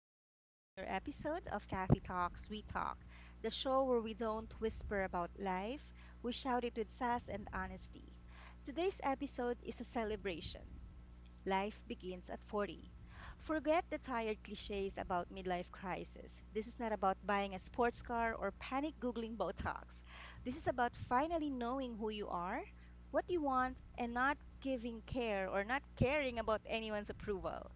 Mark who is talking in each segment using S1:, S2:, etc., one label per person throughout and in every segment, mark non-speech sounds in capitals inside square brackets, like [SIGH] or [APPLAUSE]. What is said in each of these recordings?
S1: back to another episode of Kathy Talks We Talk, the show where we don't whisper about life, we shout it with sass and honesty. Today's episode is a celebration. Life begins at 40. Forget the tired cliches about midlife crisis. This is not about buying a sports car or panic Googling Botox. This is about finally knowing who you are, what you want, and not giving care or not caring about anyone's approval.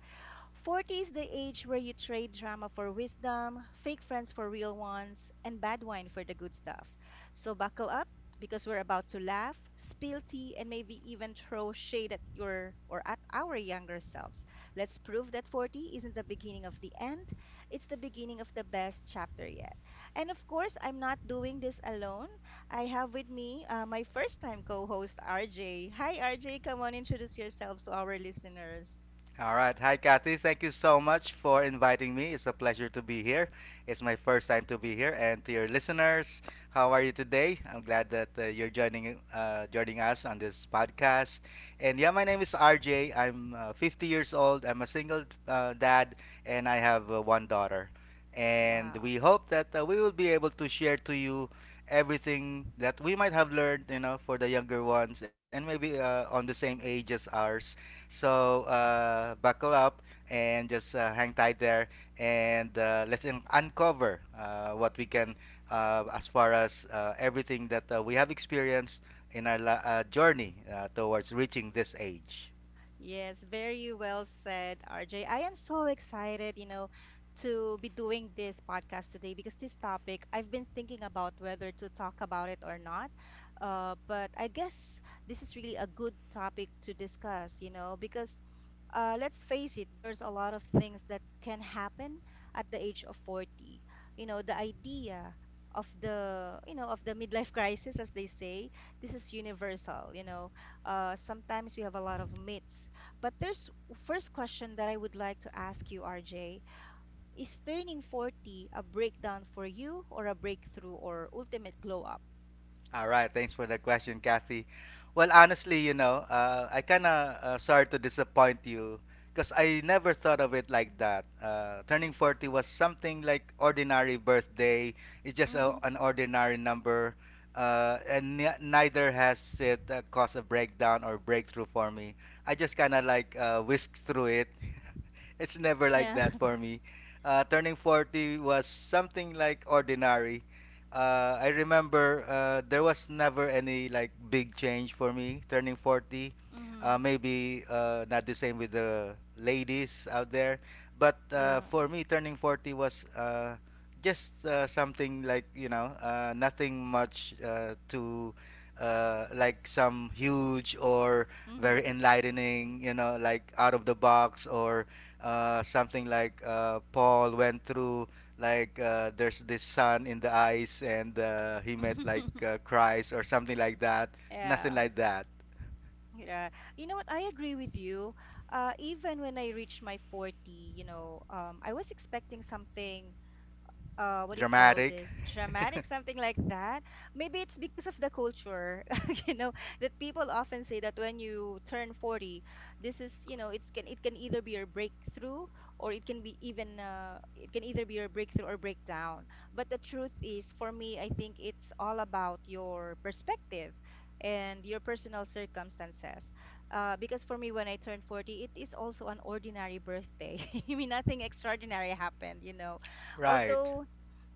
S1: 40 is the age where you trade drama for wisdom, fake friends for real ones, and bad wine for the good stuff. So buckle up because we're about to laugh, spill tea, and maybe even throw shade at your or at our younger selves. Let's prove that 40 isn't the beginning of the end, it's the beginning of the best chapter yet. And of course, I'm not doing this alone. I have with me my first time co host, RJ. Hi, RJ. Come on, introduce yourselves to our listeners.
S2: All right. Hi, Kathy. Thank you so much for inviting me. It's a pleasure to be here. It's my first time to be here. And to your listeners, how are you today? I'm glad that you're joining us on this podcast. And yeah, my name is RJ. I'm 50 years old. I'm a single dad, and I have one daughter. And
S1: Wow.
S2: we hope that we will be able to share to you everything that we might have learned, you know, for the younger ones, and maybe on the same age as ours, so buckle up and just hang tight there, and let's uncover what we can, as far as everything that we have experienced in our journey towards reaching this age.
S1: Yes, very well said, RJ. I am so excited, you know, to be doing this podcast today because this topic, I've been thinking about whether to talk about it or not. But I guess this is really a good topic to discuss, you know, because let's face it, there's a lot of things that can happen at the age of 40. You know, the idea of the midlife [LAUGHS] crisis, as they say, this is universal. You know, sometimes we have a lot of myths. But there's first question that I would like to ask you, RJ. Is turning 40 a breakdown for you or a breakthrough or ultimate glow up?
S2: All right, thanks for the question, Kathy. Well, honestly, you know, I kind of, sorry to disappoint you, because I never thought of it like that. Turning 40 was something like ordinary birthday. It's just
S1: Mm-hmm.
S2: an ordinary number, and neither has it caused a breakdown or breakthrough for me. I just kind of like whisked through it. [LAUGHS] It's never like
S1: Yeah.
S2: that
S1: [LAUGHS]
S2: for me. Turning 40 was something like ordinary. I remember there was never any like big change for me turning 40.
S1: Mm-hmm.
S2: Maybe not the same with the ladies out there, but
S1: Yeah.
S2: for me, turning 40 was just something like, you know, nothing much to, like, some huge or very enlightening, you know, like out of the box, or something like Paul went through, like there's this sun in the eyes and he met like
S1: Mm-hmm. [LAUGHS]
S2: Christ or something like that. Nothing
S1: Yeah.
S2: like that.
S1: Yeah, you know what? I agree with you. Even when I reached my 40, you know, I was expecting something, what do you call
S2: Dramatic.
S1: this, dramatic,
S2: [LAUGHS]
S1: something like that. Maybe it's because of the culture, [LAUGHS] you know, that people often say that when you turn 40, this is, it can either be your breakthrough, or it can either be your breakthrough or breakdown. But the truth is, for me, I think it's all about your perspective and your personal circumstances. Because for me, when I turned 40, it is also an ordinary birthday. [LAUGHS] I mean, nothing extraordinary happened, you know
S2: Right.
S1: although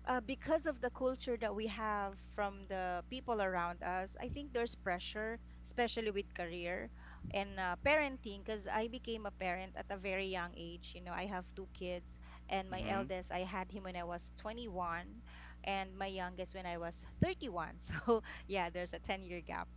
S1: because of the culture that we have from the people around us, I think there's pressure, especially with career and parenting. Because I became a parent at a very young age. You know, I have two kids, and my
S2: Hmm.
S1: eldest, I had him when I was 21, and my youngest when I was 31. [LAUGHS] So, yeah, there's a 10-year gap.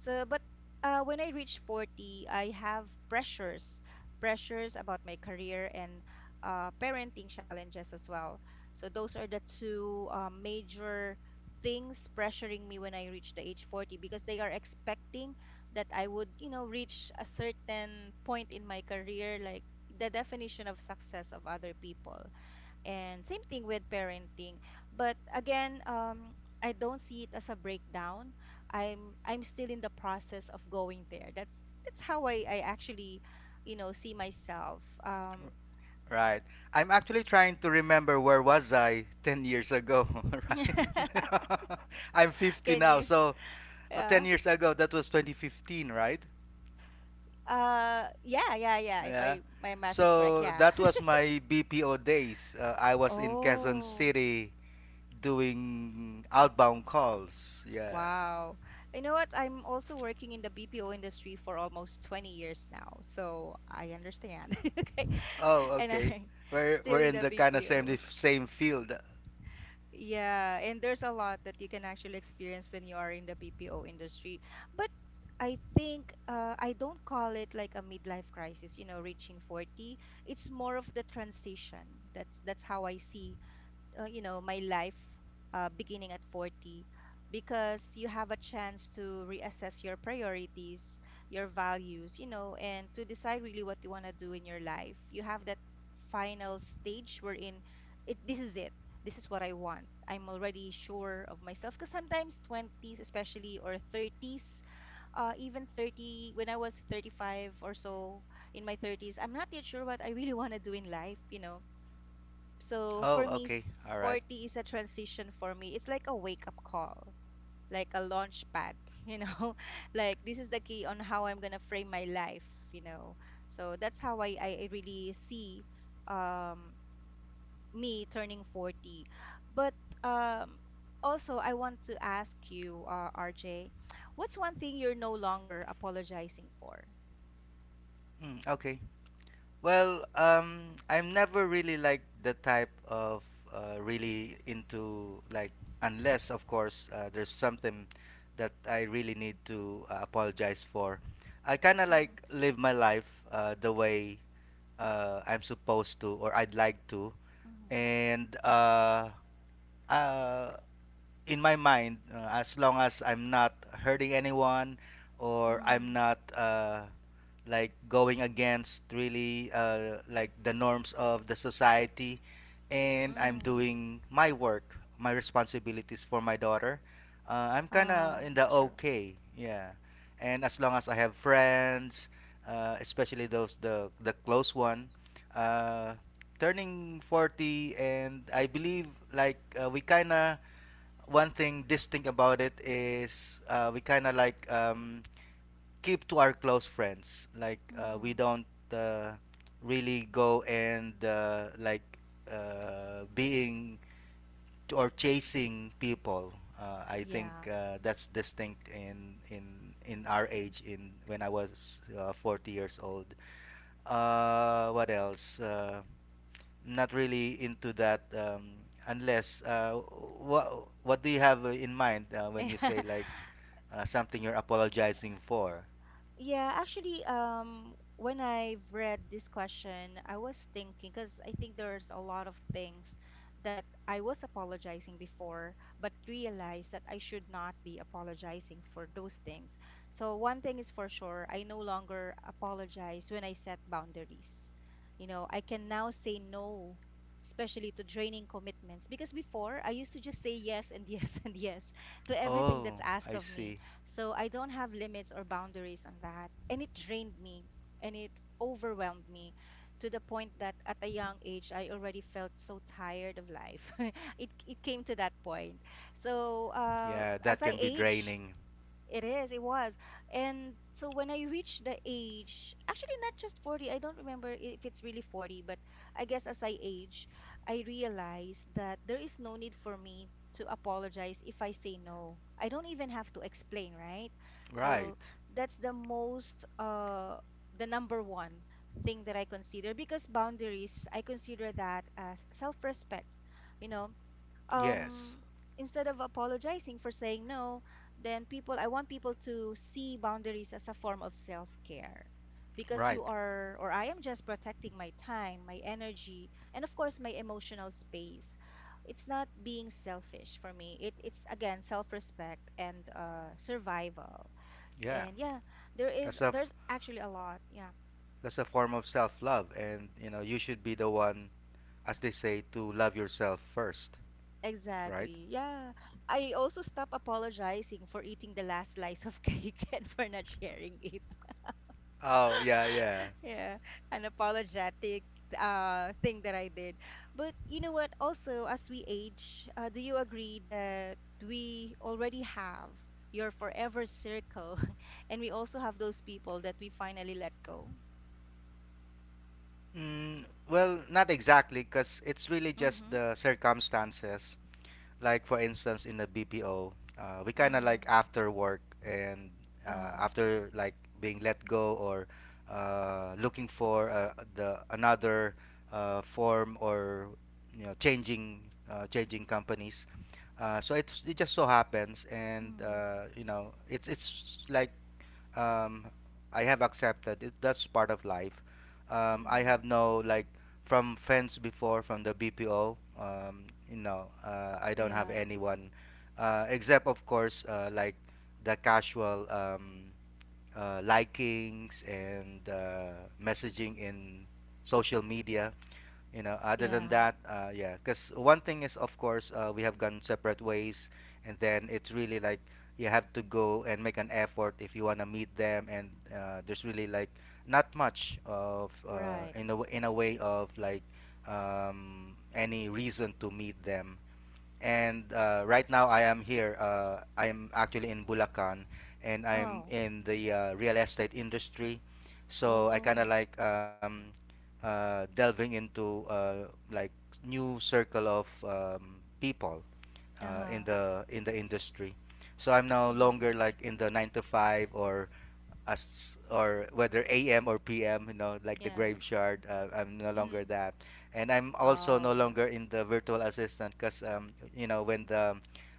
S1: So, but when I reach 40, I have pressures about my career and parenting challenges as well. So those are the two major things pressuring me when I reach the age 40, because they are expecting that I would, you know, reach a certain point in my career, like the definition of success of other people. And same thing with parenting. But again, I don't see it as a breakdown. I'm still in the process of going there. That's how I actually, you know, see myself.
S2: Right. I'm actually trying to remember where was I 10 years ago, [LAUGHS]
S1: [LAUGHS]
S2: right? [LAUGHS] I'm 50
S1: Can
S2: now,
S1: you?
S2: so 10
S1: Yeah.
S2: years ago that was 2015, right?
S1: Yeah, yeah, yeah. If
S2: Yeah.
S1: I my math is correct,
S2: So
S1: yeah.
S2: that was
S1: [LAUGHS]
S2: my BPO days. I was in Quezon
S1: Oh,
S2: City doing outbound calls. Yeah.
S1: wow. You know what? I'm also working in the BPO industry for almost 20 years now, so I understand. [LAUGHS] Okay.
S2: Oh,
S1: And
S2: okay.
S1: I'm [LAUGHS]
S2: We're
S1: still
S2: we're
S1: in
S2: in
S1: the
S2: the kind of
S1: BPO.
S2: same field.
S1: Yeah, and there's a lot that you can actually experience when you are in the BPO industry. But I think, I don't call it like a midlife crisis, you know, reaching 40. It's more of the transition. That's how I see, my life beginning at 40, because you have a chance to reassess your priorities, your values, you know, and to decide really what you want to do in your life. You have that final stage wherein it. This is what I want. I'm already sure of myself, because sometimes 20s, especially, or 30s, even 30, when I was 35 or so, in my 30s, I'm not yet sure what I really want to do in life, so for
S2: Oh,
S1: me,
S2: okay. All right.
S1: 40 is a transition for me. It's like a wake-up call, like a launch pad, [LAUGHS] you know? Like, this is the key on how I'm gonna frame my life, you know? So that's how I really see, um me turning 40. But um also, I want to ask you, RJ, what's one thing you're no longer apologizing for?
S2: Mm, okay. Well, I'm never really like the type of, really into, like, unless of course there's something that I really need to apologize for. I kind of
S1: Mhm,
S2: like live my life the way, I'm supposed to or I'd like to,
S1: mhm.
S2: and uh in my mind, as long as I'm not hurting anyone or
S1: Mm,
S2: I'm not like going against really like the norms of the society, and
S1: mm.
S2: I'm doing my work, my responsibilities for my daughter, I'm kind
S1: Ah,
S2: of in the
S1: true.
S2: okay. Yeah. And as long as I have friends, especially those, the close one, uh, turning 40, and I believe like we kind of, one thing distinct about it is we kind of like, keep to our close friends. Like, we
S1: Mm,
S2: don't uh, really go and like uh, being or chasing people. I think
S1: yeah.
S2: that's distinct in in our age. In when I was 40 years old. What else? Not really into that, unless what do you have in mind when you say
S1: [LAUGHS]
S2: like something you're apologizing for?
S1: Yeah, actually, when I've read this question, I was thinking, because I think there's a lot of things that I was apologizing before, but realized that I should not be apologizing for those things. So one thing is for sure, I no longer apologize when I set boundaries. You know, I can now say no, especially to draining commitments, because before I used to just say yes and yes [LAUGHS] and yes to everything that's
S2: Oh,
S1: asked
S2: I
S1: of me,
S2: see.
S1: so I don't have limits or boundaries on that. And it drained me and it overwhelmed me to the point that at a young age, I already felt so tired of life. [LAUGHS] It came to that point. So
S2: Yeah, that
S1: as I
S2: can be
S1: age,
S2: draining.
S1: it is, it was. And so when I reached the age, actually not just 40, I don't remember if it's really 40, but I guess as I age, I realized that there is no need for me to apologize if I say no. I don't even have to explain, right? So
S2: Right.
S1: that's the number one thing that I consider, because boundaries, I consider that as self-respect. You know,
S2: Yes.
S1: um instead of apologizing for saying no, then people I want people to see boundaries as a form of self-care, because
S2: Right.
S1: you are or I am just protecting my time, my energy, and of course, my emotional space. It's not being selfish for me. It's again self-respect and survival.
S2: Yeah.
S1: And yeah, there is
S2: That's a
S1: there's
S2: f-
S1: actually a lot. Yeah.
S2: that's a form of self-love, and you know, you should be the one, as they say, to love yourself first, right?
S1: Exactly. Yeah. I also stop apologizing for eating the last slice of cake [LAUGHS] and for not sharing it.
S2: Oh, yeah,
S1: [LAUGHS]
S2: yeah.
S1: Yeah, an apologetic thing that I did. But you know what? Also, as we age, do you agree that we already have your forever circle [LAUGHS] and we also have those people that we finally let go?
S2: Mm, well, not exactly, because it's really just
S1: Mm-hmm.
S2: the circumstances, like for instance in the BPO, we kind of
S1: Mm-hmm.
S2: like after work and
S1: Uh-huh.
S2: after like being let go or looking for the another form or, you know, changing companies. So it just so happens, and
S1: Mm-hmm.
S2: you know it's like, um, I have accepted it. That's part of life. I
S1: Mm-hmm.
S2: have no like from friends before, from the BPO. You know, I don't have
S1: Yeah.
S2: anyone except of course, like the casual, likings and messaging in social media. You know, other than
S1: Yeah.
S2: that, yeah, because one thing is of course we have gone separate ways, and then it's really like you have to go and make an effort if you want to meet them, and there's really like not much of,
S1: Right.
S2: in a way of like, any reason to meet them. And right now I am here. I'm actually in Bulacan, and I'm
S1: Oh.
S2: in the real estate industry. So I kind of
S1: Oh.
S2: like, delving into like new circle of people
S1: Uh-huh.
S2: in the industry. So I'm no
S1: Right.
S2: longer like in the nine to five or, as or whether AM or PM, you know, like the
S1: Yeah.
S2: graveyard. I'm no longer
S1: Mm-hmm.
S2: that, and I'm also
S1: Oh,
S2: no
S1: yeah.
S2: longer in the virtual assistant, because you know when the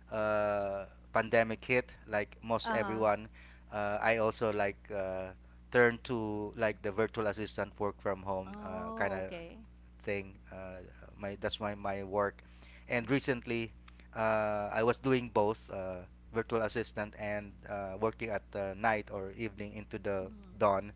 S2: pandemic hit, like most
S1: Uh-huh.
S2: everyone, I also like turned to like the virtual assistant work from home, kind
S1: Oh,
S2: of
S1: okay.
S2: thing. My that's my my work, and recently, I was doing both, virtual assistant, and working at night or evening into the
S1: Mm-hmm.
S2: dawn,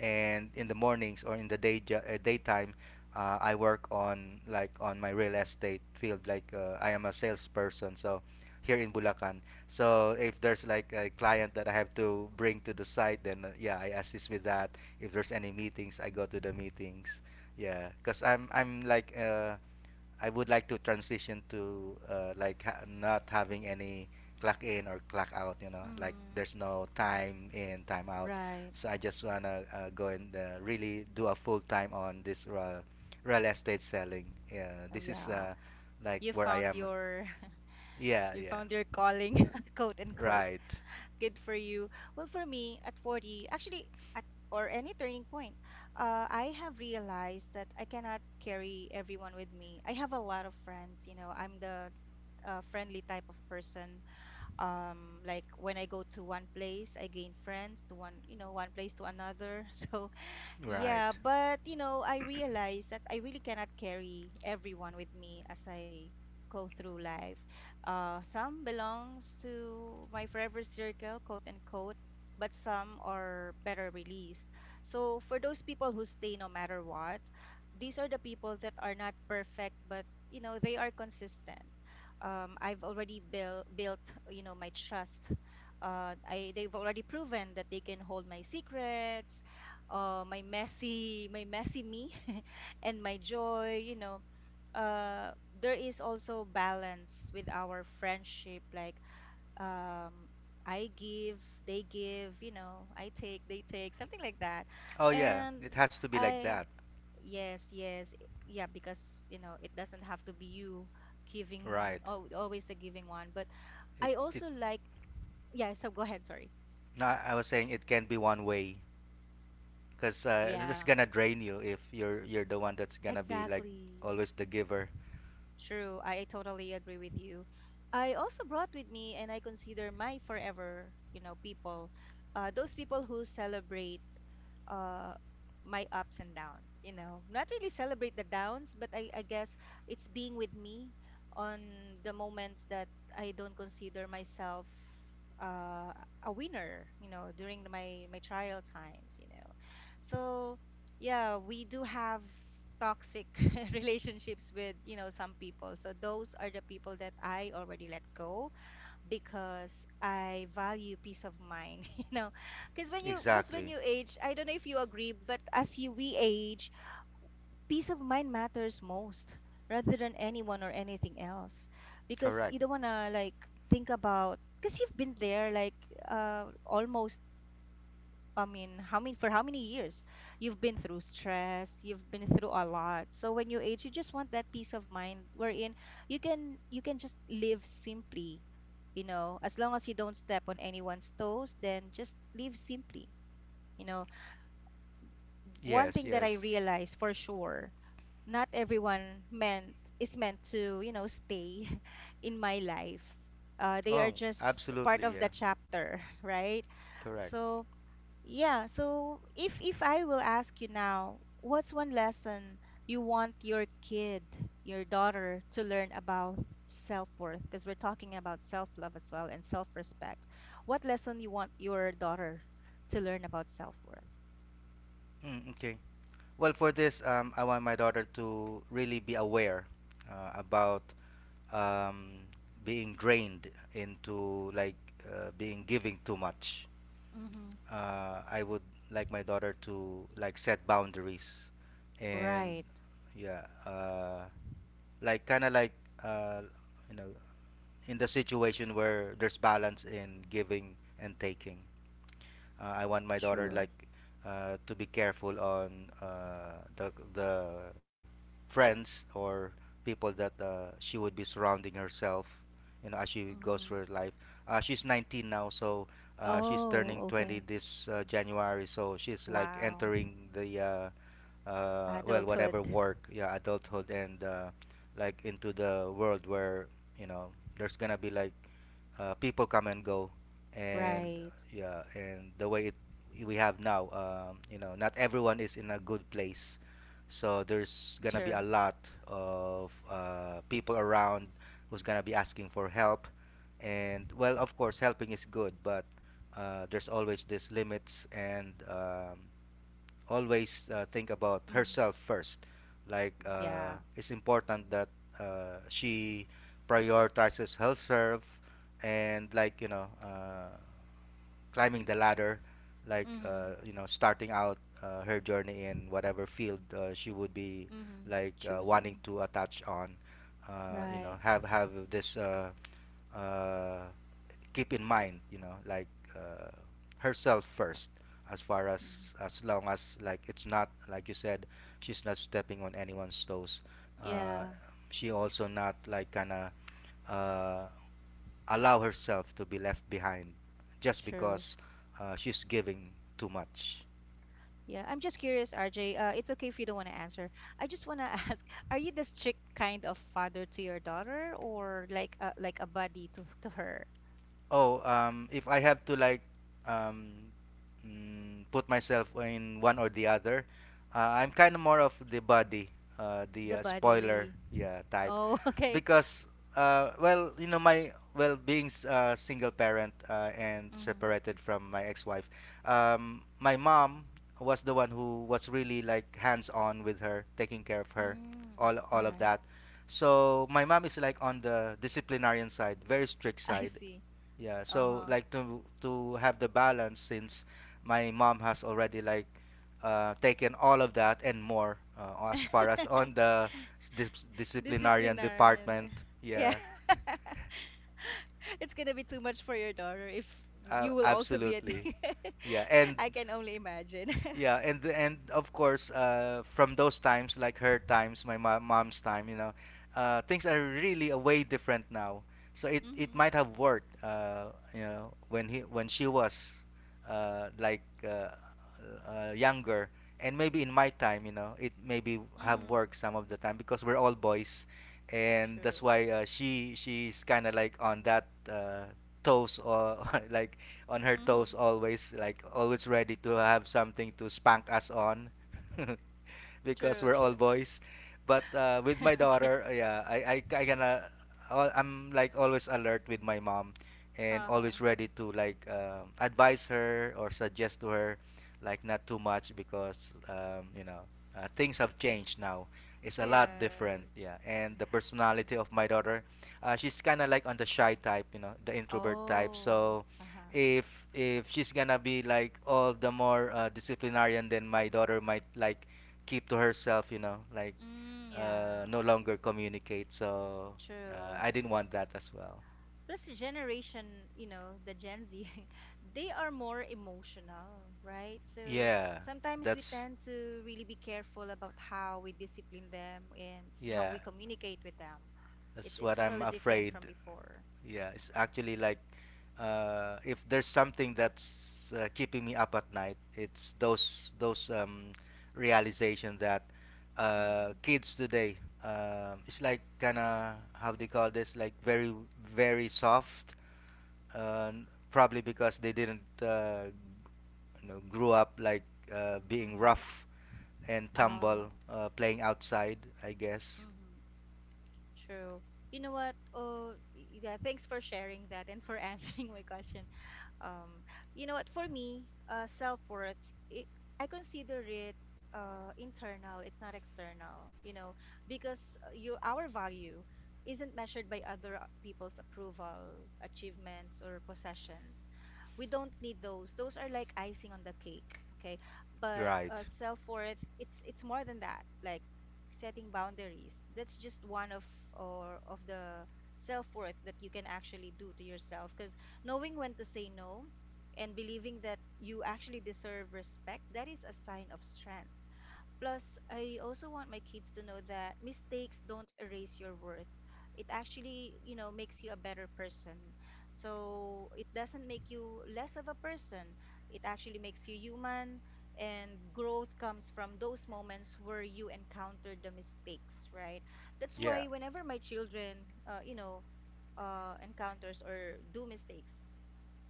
S2: and in the mornings or in the daytime. I work on like on my real estate field. Like, I am a salesperson, so here in Bulacan. So if there's like a client that I have to bring to the site, then yeah, I assist with that. If there's any meetings, I go to the meetings. Yeah, because I'm like I would like to transition to, like, not having any clock in or clock out. You know, like
S1: Mm-hmm.
S2: there's no time in time out.
S1: Right.
S2: So I just wanna go and really do a full time on this real estate selling. Yeah,
S1: Oh,
S2: this is
S1: yeah.
S2: like
S1: You
S2: where I
S1: found
S2: am.
S1: your [LAUGHS]
S2: Yeah,
S1: You
S2: yeah.
S1: found your calling, [LAUGHS] quote unquote.
S2: Right,
S1: Good for you. Well, for me, at 40, actually, at or any turning point, I have realized that I cannot carry everyone with me. I have a lot of friends, you know. I'm the friendly type of person, like when I go to one place, I gain friends, to one you know one place to another. [LAUGHS] So yeah,
S2: right.
S1: but you know, I realized that I really cannot carry everyone with me as I go through life. Some belongs to my forever circle, quote unquote, but some are better released. So for those people who stay no matter what, these are the people that are not perfect, but you know, they are consistent. I've already built, you know, my trust. I they've already proven that they can hold my secrets, my messy me, [LAUGHS] and my joy, you know. uh, there is also balance with our friendship, like, um, I give, they give, you know, I take, they take, something like that.
S2: Oh yeah,
S1: And
S2: it has to be like
S1: I
S2: that.
S1: yes, yes, yeah, because you know it doesn't have to be you giving.
S2: Right.
S1: Oh, always the giving one. But
S2: It
S1: I
S2: it.
S1: also like, yeah, so go ahead, sorry.
S2: No, I was saying it can be one way, because this is
S1: Yeah,
S2: gonna drain you if you're the one that's gonna be like
S1: exactly.
S2: always the giver.
S1: True, I totally agree with you. I also brought with me, and I consider my forever, you know, people, those people who celebrate uh, my ups and downs, you know, not really celebrate the downs, but I guess it's being with me on the moments that I don't consider myself uh, a winner, you know, during my trial times. So, yeah, we do have toxic [LAUGHS] relationships with some people, so those are the people that I already let go because I value peace of mind [LAUGHS] you know Because when you was when
S2: Exactly.
S1: you age I don't know if you agree, but as you we age, peace of mind matters most rather than anyone or anything else. Because
S2: Correct.
S1: you don't want to, like, think about, because you've been there, like almost, I mean, how many for how many years you've been through stress, you've been through a lot. So when you age, you just want that peace of mind wherein you can just live simply, you know, as long as you don't step on anyone's toes, then just live simply. You know, one
S2: Yes.
S1: thing that I
S2: Yes.
S1: realized for sure, not everyone meant is meant to, you know, stay [LAUGHS] in my life. They are
S2: Oh,
S1: just
S2: absolutely.
S1: part of the
S2: Yeah.
S1: chapter, [LAUGHS] right?
S2: Correct.
S1: So so if I will ask you now, what's one lesson you want your kid, your daughter, to learn about self-worth? Because we're talking about self-love as well and self-respect. What lesson you want your daughter to learn about self-worth?
S2: Mm, okay. Well, for this, I want my daughter to really be aware about, um, being drained into like being giving too much.
S1: Mm-hmm.
S2: I would like my daughter to like set boundaries, and
S1: Right.
S2: yeah, like kind of like, uh, you know, in the situation where there's balance in giving and taking. I want my daughter
S1: True.
S2: like to be careful on the friends or people that she would be surrounding herself, you know, as she goes
S1: Mm-hmm.
S2: through her life. She's 19 now, so she's turning
S1: Oh,
S2: 20
S1: okay.
S2: this January, so she's like
S1: Wow.
S2: entering the well, whatever
S1: Adulthood.
S2: work, yeah, adulthood, and like into the world where you know there's gonna be like people come and go, and
S1: Right.
S2: yeah, and the way it we have now, you know, not everyone is in a good place, so there's gonna be
S1: True.
S2: a lot of people around who's gonna be asking for help, and well, of course, helping is good, but there's always these limits, and always think about
S1: Mm.
S2: herself first. Like,
S1: Yeah.
S2: it's important that she prioritizes herself, and like you know, climbing the ladder, like
S1: Mm-hmm.
S2: you know, starting out her journey in whatever field she would be
S1: Mm-hmm.
S2: like wanting
S1: Choosing.
S2: to attach on. You
S1: Right.
S2: know, have this uh, keep in mind, you know, like uh, herself first, as far as long as like it's not, like you said, she's not stepping on anyone's toes. Uh,
S1: Yeah,
S2: she also not like kinda uh, allow herself to be left behind just
S1: true.
S2: because she's giving too much.
S1: Yeah, I'm just curious, RJ. It's okay if you don't want to answer. I just want to [LAUGHS] ask, are you the strict kind of father to your daughter, or like a buddy to her?
S2: Oh, if I have to like, um, put myself in one or the other, I'm kind of more of the body, the
S1: The
S2: spoiler,
S1: buddy.
S2: yeah, type,
S1: Oh, [LAUGHS] okay.
S2: because well, you know, my well being single parent and
S1: Mm.
S2: separated from my ex-wife, my mom was the one who was really like hands-on with her, taking care of her,
S1: Mm.
S2: all
S1: All
S2: all of
S1: right.
S2: that. So my mom is like on the disciplinarian side, very strict
S1: [LAUGHS] I
S2: side,
S1: see.
S2: yeah, so
S1: Uh-huh.
S2: like to have the balance since my mom has already like taken all of that and more as far as
S1: [LAUGHS]
S2: on the disciplinarian department.
S1: Disciplinarian. Yeah.
S2: Yeah,
S1: [LAUGHS] It's gonna be too much for your daughter if you will also be a.
S2: absolutely. Yeah, and
S1: [LAUGHS] I can only imagine. [LAUGHS]
S2: Yeah, and of course, from those times, like her times, my mom's time, things are really a way different now. So it
S1: Mm-hmm.
S2: might have worked, when he when she was uh, like uh, younger, and maybe in my time, you know, it maybe have
S1: Mm-hmm.
S2: worked some of the time because we're all boys, and that's
S1: True.
S2: why she's kind of like on that toes or [LAUGHS] like on her toes,
S1: Mhm.
S2: always like always ready to have something to spank us on [LAUGHS] because
S1: True,
S2: we're all
S1: true.
S2: boys. But with
S1: [LAUGHS]
S2: my
S1: Okay.
S2: daughter, yeah, I gonna I'm like always alert with my mom and
S1: Uh-huh.
S2: always ready to like advise her or suggest to her, like not too much because you know, things have changed now, is a lot
S1: Yeah.
S2: different. Yeah, and the personality of my daughter, she's kind of like on the shy type, you know, the introvert type.
S1: Oh,
S2: So
S1: uh-huh.
S2: if she's gonna be like all the more disciplinarian, then my daughter might like keep to herself, you know, like
S1: Mm, yeah,
S2: no longer communicate. So
S1: true.
S2: I didn't want that as well.
S1: Plus the generation, you know, the Gen Z, [LAUGHS] they are more emotional, right? So
S2: yeah
S1: sometimes we
S2: that's
S1: tend to really be careful about how we discipline them and how
S2: yeah
S1: we communicate with them. It's
S2: That's what I'm
S1: totally different
S2: afraid.
S1: from before.
S2: Yeah, it's actually like, if there's something that's keeping me up at night, it's those realization that
S1: Mm-hmm.
S2: kids today, it's like kind of how they call this, like very very soft, probably because they didn't grew up like being
S1: Mm-hmm.
S2: rough and
S1: Oh.
S2: tumble, playing outside, I guess.
S1: Mm-hmm. True. You know what? Oh, y- yeah, thanks for sharing that and for [LAUGHS] answering my question. Um, you know what? For me, self-worth, it, I consider it internal. It's not external, you know, because you our value isn't measured by other people's approval, achievements, or possessions. We don't need those. Those are like icing on the cake, okay? But
S2: Right.
S1: self-worth, it's more than that. Like setting boundaries. That's just one of or of the self-worth that you can actually do to yourself, because knowing when to say no and believing that you actually deserve respect, that is a sign of strength. Plus, I also want my kids to know that mistakes don't erase your worth. It actually, you know, makes you a better person. So it doesn't make you less of a person. It actually makes you human, and growth comes from those moments where you encounter the mistakes, right? That's
S2: Yeah,
S1: why whenever my children, you know, encounters or do mistakes,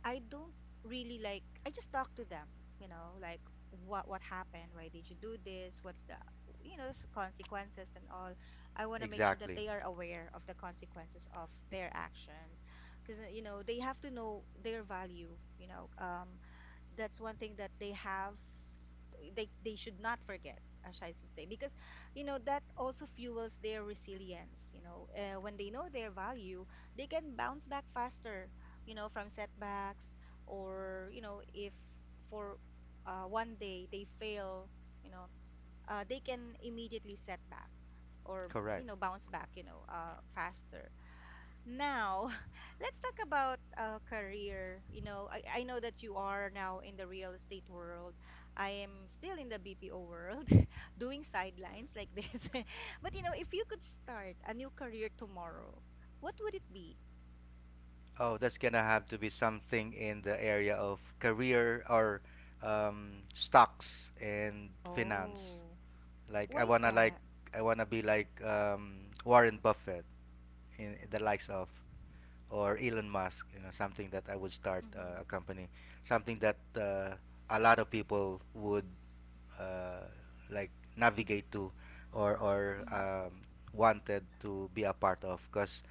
S1: I don't really like, I just talk to them, you know, like, what happened, why did you do this, what's the, you know, s- consequences and all. I want to make sure that
S2: exactly.
S1: they are aware of the consequences of their actions, because you know they have to know their value, you know. That's one thing that they have, they should not forget, as I should say, because you know that also fuels their resilience, you know, when they know their value, they can bounce back faster, you know, from setbacks. Or, you know, if for one day they fail, you know, they can immediately set back, or, you
S2: Correct.
S1: know, bounce back, you know, faster. Now, [LAUGHS] let's talk about career. You know, I know that you are now in the real estate world. I am still in the BPO world, [LAUGHS] doing sidelines like this. [LAUGHS] But you know, if you could start a new career tomorrow, what would it be?
S2: Oh, that's gonna have to be something in the area of career or stocks and finance.
S1: Oh,
S2: Like
S1: why
S2: I
S1: is
S2: wanna like
S1: that?
S2: I wanna be like Warren Buffett, in the likes of, or Elon Musk. You know, something that I would start
S1: Mm-hmm.
S2: a company, something that a lot of people would uh, like navigate to, or or
S1: Mm-hmm.
S2: um, wanted to be a part of. Because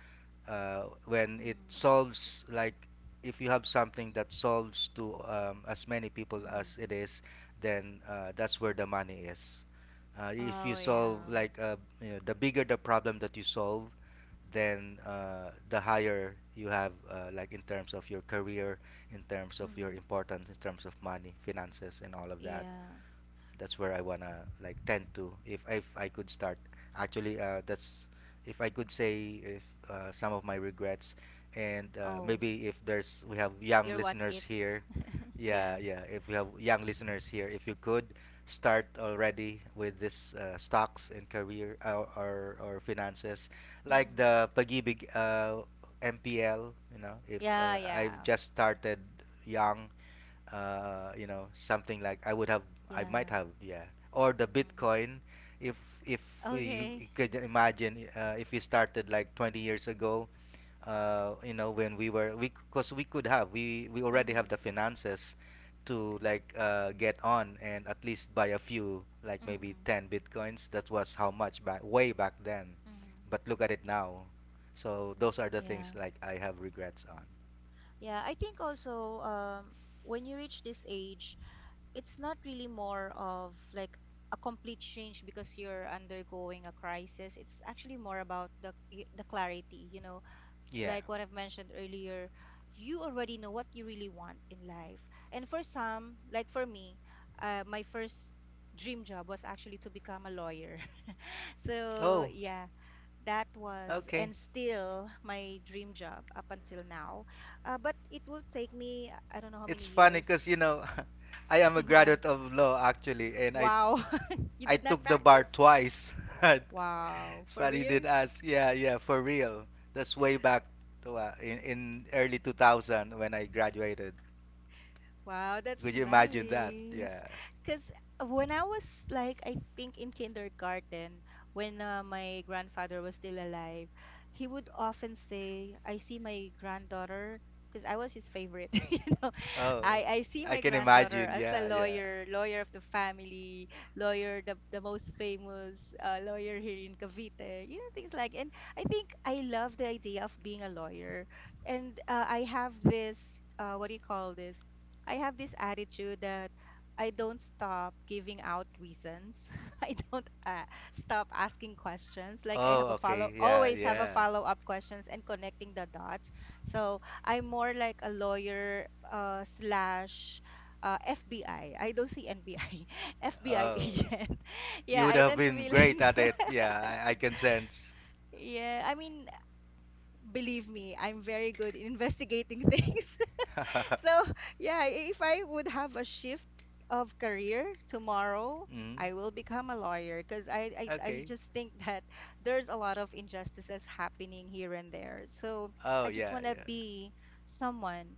S2: when it
S1: Mm-hmm.
S2: solves like, if you have something that solves to as many people
S1: Mm-hmm.
S2: as it is, then that's where the money is. If you
S1: Oh,
S2: solve
S1: yeah.
S2: like, the bigger the problem that you solve, then the higher you have like in terms of your career, in terms of your
S1: Mm-hmm.
S2: importance, in terms of money, finances, and all of that.
S1: Yeah.
S2: That's where I wanna like tend to, if I could start. Actually, that's, if I could say, if some of my regrets, and
S1: Oh,
S2: maybe if there's we have young
S1: your what
S2: listeners
S1: ifs.
S2: here,
S1: [LAUGHS] Yeah.
S2: yeah, yeah. If we have young listeners here, if you could start already with this stocks and career or finances, like
S1: Mm-hmm.
S2: the pagibig, MPL, you know. If
S1: Yeah,
S2: I've
S1: yeah.
S2: just started young, you know, something like I would have, I might
S1: Yeah.
S2: have. Yeah, or the
S1: Mm-hmm.
S2: Bitcoin. If if you,
S1: Okay.
S2: you could imagine, if we started like 20 years ago, you know, when we were we because we already have
S1: Mm-hmm.
S2: the finances to like get on and at least buy a few, like maybe
S1: Mm-hmm.
S2: 10 bitcoins, that was how much back way back then.
S1: Mm-hmm.
S2: But look at it now. So those are the things
S1: Yeah.
S2: like I have regrets on.
S1: Yeah. I think also when you reach this age, it's not really more of like a complete change because you're undergoing a crisis. It's actually more about the y- the clarity, you know,
S2: Yeah.
S1: like what I've mentioned earlier, you already know what you really want in life. And for some, like for me, my first dream job was actually to become a lawyer. [LAUGHS] So,
S2: Oh,
S1: yeah, that was and
S2: okay.
S1: still my dream job up until now. But it will take me, I don't know how many
S2: It's funny because,
S1: years.
S2: you know, [LAUGHS] I am a
S1: [LAUGHS] Why?
S2: graduate of law actually, and I
S1: Wow. [LAUGHS] You
S2: I
S1: did not
S2: took the bar
S1: practice?
S2: twice. [LAUGHS]
S1: Wow.
S2: It's
S1: For
S2: funny you did
S1: real?
S2: ask. Yeah, yeah, for real. That's way back to, in early 2000 when I graduated.
S1: Wow, that's
S2: Could you imagine that?
S1: nice.
S2: Yeah.
S1: Because when I was like, I think in kindergarten, when my grandfather was still alive, he would often say, I see my granddaughter, because I was his favorite, [LAUGHS] you know.
S2: Oh,
S1: I see
S2: I
S1: my
S2: can
S1: granddaughter
S2: imagine.
S1: as a
S2: Yeah, yeah.
S1: lawyer, lawyer of the family, lawyer, the most famous lawyer here in Cavite, you know, things like. And I think I love the idea of being a lawyer. And I have this, what do you call this? I have this attitude that I don't stop giving out reasons. [LAUGHS] I don't stop asking questions. Like I have
S2: Oh,
S1: a follow,
S2: okay. Yeah,
S1: always have a
S2: yeah.
S1: follow up questions and connecting the dots. So I'm more like a lawyer slash FBI. I don't see NBI, FBI [LAUGHS]
S2: Oh,
S1: agent. [LAUGHS]
S2: you
S1: Yeah,
S2: would
S1: I
S2: have
S1: tend to
S2: been
S1: be
S2: great at
S1: like,
S2: it. Yeah, I can sense.
S1: [LAUGHS] yeah. I mean, believe me, I'm very good in [LAUGHS] investigating things. So
S2: [LAUGHS]
S1: [LAUGHS] yeah, if I would have a shift of career tomorrow,
S2: Mm,
S1: I will become a lawyer, because I
S2: okay.
S1: just think [LAUGHS] that there's a lot of injustices happening here and there. So
S2: Oh,
S1: I
S2: yeah,
S1: just
S2: yeah.
S1: want to be someone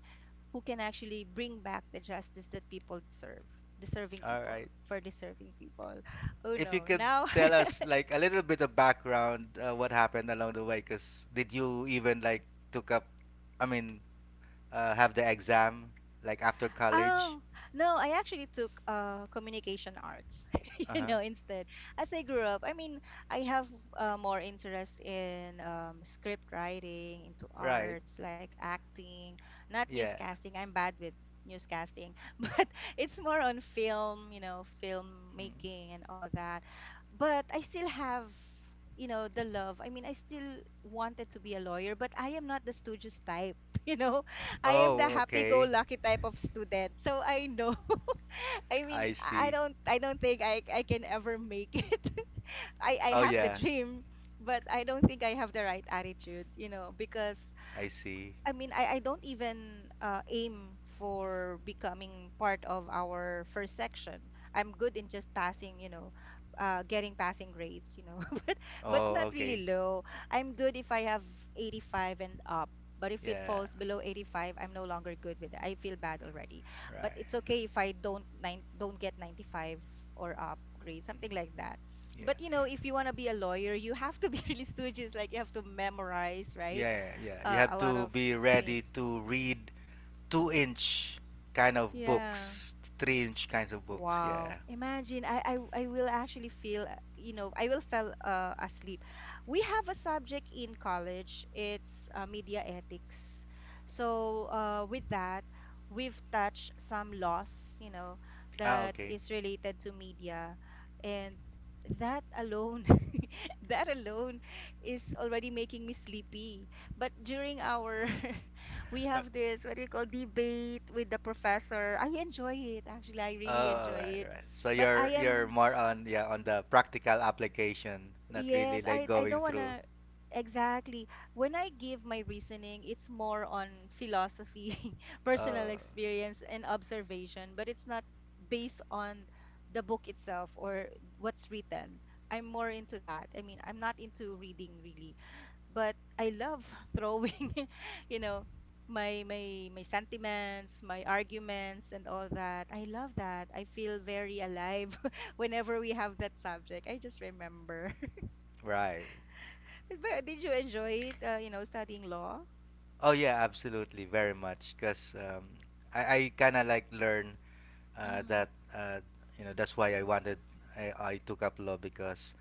S1: who can actually bring back the justice that people deserve, deserving
S2: All
S1: people,
S2: right.
S1: for deserving people. [LAUGHS] Oh
S2: If you
S1: no,
S2: could
S1: now
S2: tell
S1: [LAUGHS]
S2: us like a little bit of background, what happened along the way? Because did you even like took up, I mean, have the exam like after college?
S1: oh, no, I actually took communication arts, [LAUGHS]
S2: Uh
S1: you
S2: huh.
S1: know, instead. As I grew up, I mean, I have more interest in script writing, into
S2: Right.
S1: arts like acting, not
S2: Yeah.
S1: newscasting. I'm bad with newscasting, [LAUGHS] but it's more on film, you know, film
S2: Mm.
S1: making and all that. But I still have, you know, the love. I mean, I still wanted to be a lawyer, but I am not the studious type, [LAUGHS] you know. I am the
S2: Oh, okay.
S1: happy-go-lucky type of student. So I know. [LAUGHS] I mean,
S2: I
S1: I
S2: see.
S1: don't think I can ever make it. [LAUGHS] I
S2: Oh,
S1: have the
S2: yeah.
S1: dream, but I don't think I have the right attitude, you know, because
S2: I see.
S1: I mean, I don't even aim for becoming part of our first section. I'm good in just passing, you know, getting passing grades, you know, but
S2: Oh,
S1: not
S2: okay.
S1: really low. I'm good if I have 85 and up. But if it
S2: Yeah.
S1: falls below 85, I'm no longer good with it. I feel bad already. But it's
S2: Right.
S1: okay if I don't get 95 or up grade, something like that.
S2: Yeah.
S1: But you know, if you want to be a lawyer, you have to be [LAUGHS] really studious. Like you have to memorize, right?
S2: Yeah. You have
S1: A lot
S2: to
S1: of
S2: be ready
S1: things.
S2: to read two-inch kind of
S1: Yeah.
S2: books, three-inch kinds of books.
S1: Wow.
S2: Yeah.
S1: Imagine, I will actually feel, you know, I will fell asleep. We have a subject in college. It's media ethics. So with that, we've touched some laws, you know,
S2: Ah,
S1: that
S2: okay.
S1: is related to media, and that alone, [LAUGHS] that alone is already making me sleepy. But during our [LAUGHS] we
S2: Uh,
S1: have this what do you call debate with the professor. I enjoy it actually. I really
S2: oh, right,
S1: enjoy it.
S2: right. So
S1: But
S2: you're
S1: I am,
S2: more on, yeah, on the practical application, not really
S1: yes,
S2: like
S1: I
S2: going
S1: don't want
S2: through.
S1: to, exactly. When I give my reasoning, it's more on philosophy, [LAUGHS] personal
S2: Oh,
S1: experience and observation, but it's not based on the book itself or what's written. I'm more into that. I mean, I'm not into reading really, but I love [LAUGHS] throwing, [LAUGHS] you know, my sentiments, my arguments, and all that. I love that. I feel very alive [LAUGHS] whenever we have that subject. I just remember. [LAUGHS]
S2: right.
S1: But did you enjoy it? You know, studying law.
S2: Oh yeah, absolutely, very much. Cause I kind of like learn uh, that
S1: Mm-hmm.
S2: uh, you know, that's why I wanted, I took up law because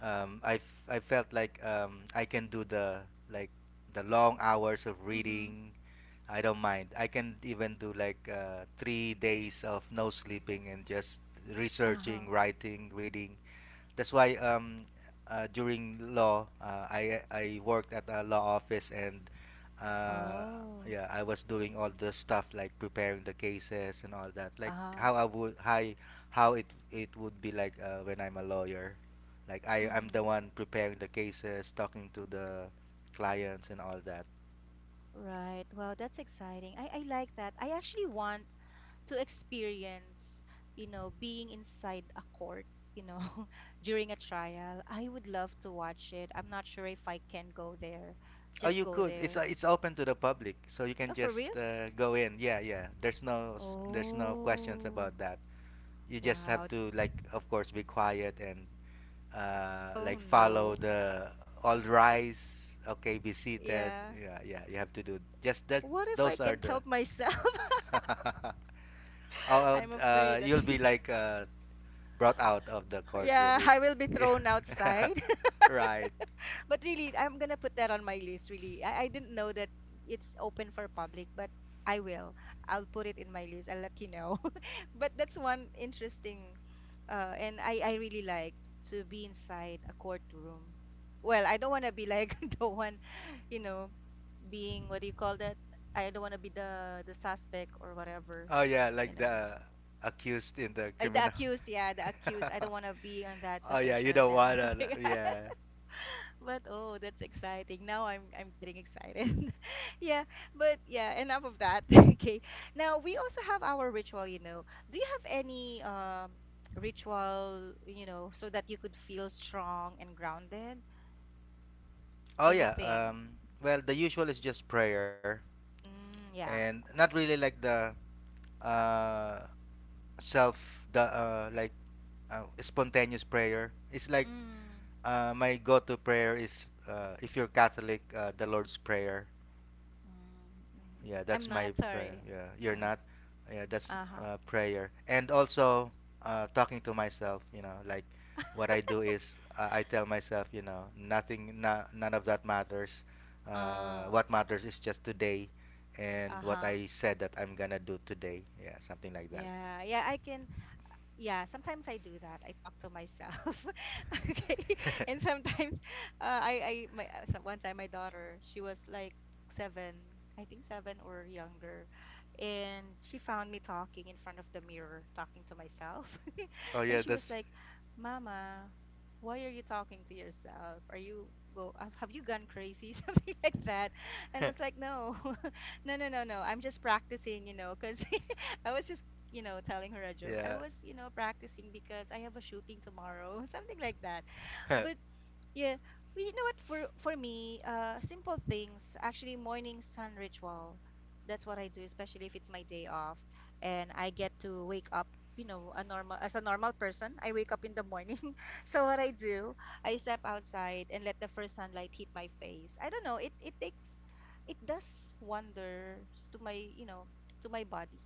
S2: I felt like, I can do the like the long hours of
S1: Mm-hmm.
S2: reading. I don't mind. I can even do like 3 days of no sleeping and just researching,
S1: Uh-huh.
S2: writing, reading. That's why during law, I worked at a law office, and uh,
S1: Oh.
S2: yeah, I was doing all the stuff like preparing the cases and all that, like
S1: Uh-huh.
S2: how it would be like when I'm a lawyer. Like I'm the
S1: Mm-hmm.
S2: one preparing the cases, talking to the clients and all that.
S1: Right. Wow, that's exciting. I like that. I actually want to experience, you know, being inside a court, you know, [LAUGHS] during a trial. I would love to watch it. I'm not sure if I can go there.
S2: Oh,
S1: Just
S2: you
S1: go
S2: could.
S1: there.
S2: It's open to the public, so you can
S1: Oh, for
S2: just
S1: real?
S2: go in. Yeah, yeah. There's there's no questions
S1: Oh,
S2: about that. You just have
S1: wow.
S2: to, like, of course, be quiet and
S1: Oh
S2: like follow
S1: no.
S2: the all rise, okay, be seated.
S1: Yeah.
S2: Yeah, yeah. You have to do just that.
S1: What if I
S2: Those are
S1: can't help
S2: the.
S1: myself? [LAUGHS]
S2: [LAUGHS] Oh,
S1: I'm
S2: oh,
S1: afraid that,
S2: you'll be like brought out of the
S1: [LAUGHS]
S2: courtroom
S1: yeah,
S2: if,
S1: I will be thrown
S2: yeah,
S1: outside.
S2: [LAUGHS] right.
S1: But really, I'm gonna put that on my list, really. I didn't know that it's open for public, but I will. I'll put it in my list. I'll let you know. [LAUGHS] But that's one interesting, and I really like to be inside a courtroom. Well, I don't want to be like [LAUGHS] the one, you know, being what do you call that? I don't want to be the suspect or whatever,
S2: Oh yeah,
S1: you
S2: like
S1: know.
S2: the accused in the
S1: Like the
S2: criminal.
S1: accused, yeah, the accused. I don't want to be on that
S2: [LAUGHS] Oh yeah, you
S1: position
S2: don't
S1: now. [LAUGHS]
S2: wanna.
S1: Okay. [LAUGHS]
S2: Yeah.
S1: But oh, that's exciting. Now I'm getting excited. [LAUGHS] Yeah, but yeah, enough of that. [LAUGHS] Okay. Now we also have our ritual. Do you have any [TSK] so that you could feel strong and grounded?
S2: Oh yeah.
S1: Anything?
S2: Well, the usual is just prayer,
S1: Mm,
S2: and
S1: yeah.
S2: not really like the uh self the like spontaneous prayer. It's like,
S1: Mm,
S2: my go-to prayer is, if you're Catholic, the Lord's Prayer.
S1: mm, hmm,
S2: Yeah,
S1: I'm
S2: that's
S1: not
S2: my prayer.
S1: sorry.
S2: Yeah, you're
S1: Yeah.
S2: not. Yeah, that's
S1: Uh-huh.
S2: prayer. And also, talking to myself, you know. Like what I do is, I tell myself, you know, nothing, na- none of that matters.
S1: Uh,
S2: What matters is just today and what
S1: uh-huh.
S2: I said that I'm gonna do today. Yeah, something like that.
S1: Yeah. Yeah, I can Yeah, sometimes I do that. I talk to myself. [LAUGHS] Okay. And sometimes one time my daughter, she was like 7, I think 7 or younger, and she found me talking in front of the mirror, talking to myself. [LAUGHS]
S2: Oh,
S1: And
S2: yeah,
S1: she was
S2: that's.
S1: like, "Mama, why are you talking to yourself? Are you go have you gone crazy?" [LAUGHS] Something like that. And was like,
S2: [LAUGHS]
S1: "No. [LAUGHS] No, no, no, no. I'm just practicing, you know, 'cause [LAUGHS] I was just telling her a joke. I
S2: Yeah.
S1: was, practicing because I have a shooting tomorrow," [LAUGHS] something like that.
S2: [LAUGHS]
S1: But yeah, well, you know what? For me, simple things. Actually, morning sun ritual. That's what I do, especially if it's my day off, and I get to wake up. You know, a normal as a normal person, I wake up in the morning. [LAUGHS] So what I do, I step outside and let the first sunlight hit my face. I don't know. It does wonders to my you know to my body.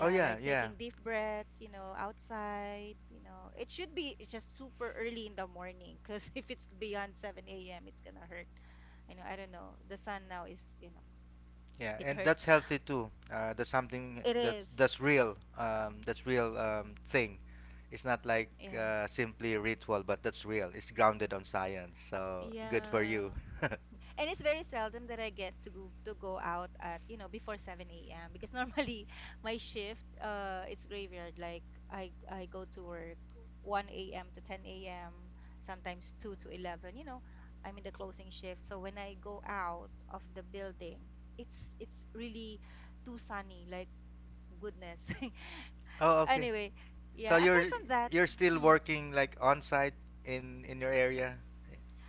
S2: Oh, yeah,
S1: like
S2: yeah.
S1: taking deep breaths, you know, outside. It should be just super early in the morning because [LAUGHS] if it's beyond 7 a.m., it's gonna hurt. I know, I don't know. The sun now is, you know,
S2: Yeah,
S1: it
S2: and
S1: hurts.
S2: that's healthy too. That's something
S1: It is.
S2: that's real. That's real, thing. It's not like
S1: Yeah.
S2: simply ritual, but that's real. It's grounded on science. So good for you.
S1: Yeah. And it's very seldom that I get to go out at you know before 7 a.m. because normally [LAUGHS] my shift it's graveyard, like I go to work 1 a.m. to 10 a.m., sometimes 2 to 11. You know, I'm in the closing shift, so when I go out of the building, it's really too sunny, like goodness.
S2: [LAUGHS] Oh,
S1: [LAUGHS]
S2: okay.
S1: Anyway,
S2: So
S1: yeah,
S2: you're
S1: aside from that.
S2: still
S1: Mm,
S2: working like on site in your area,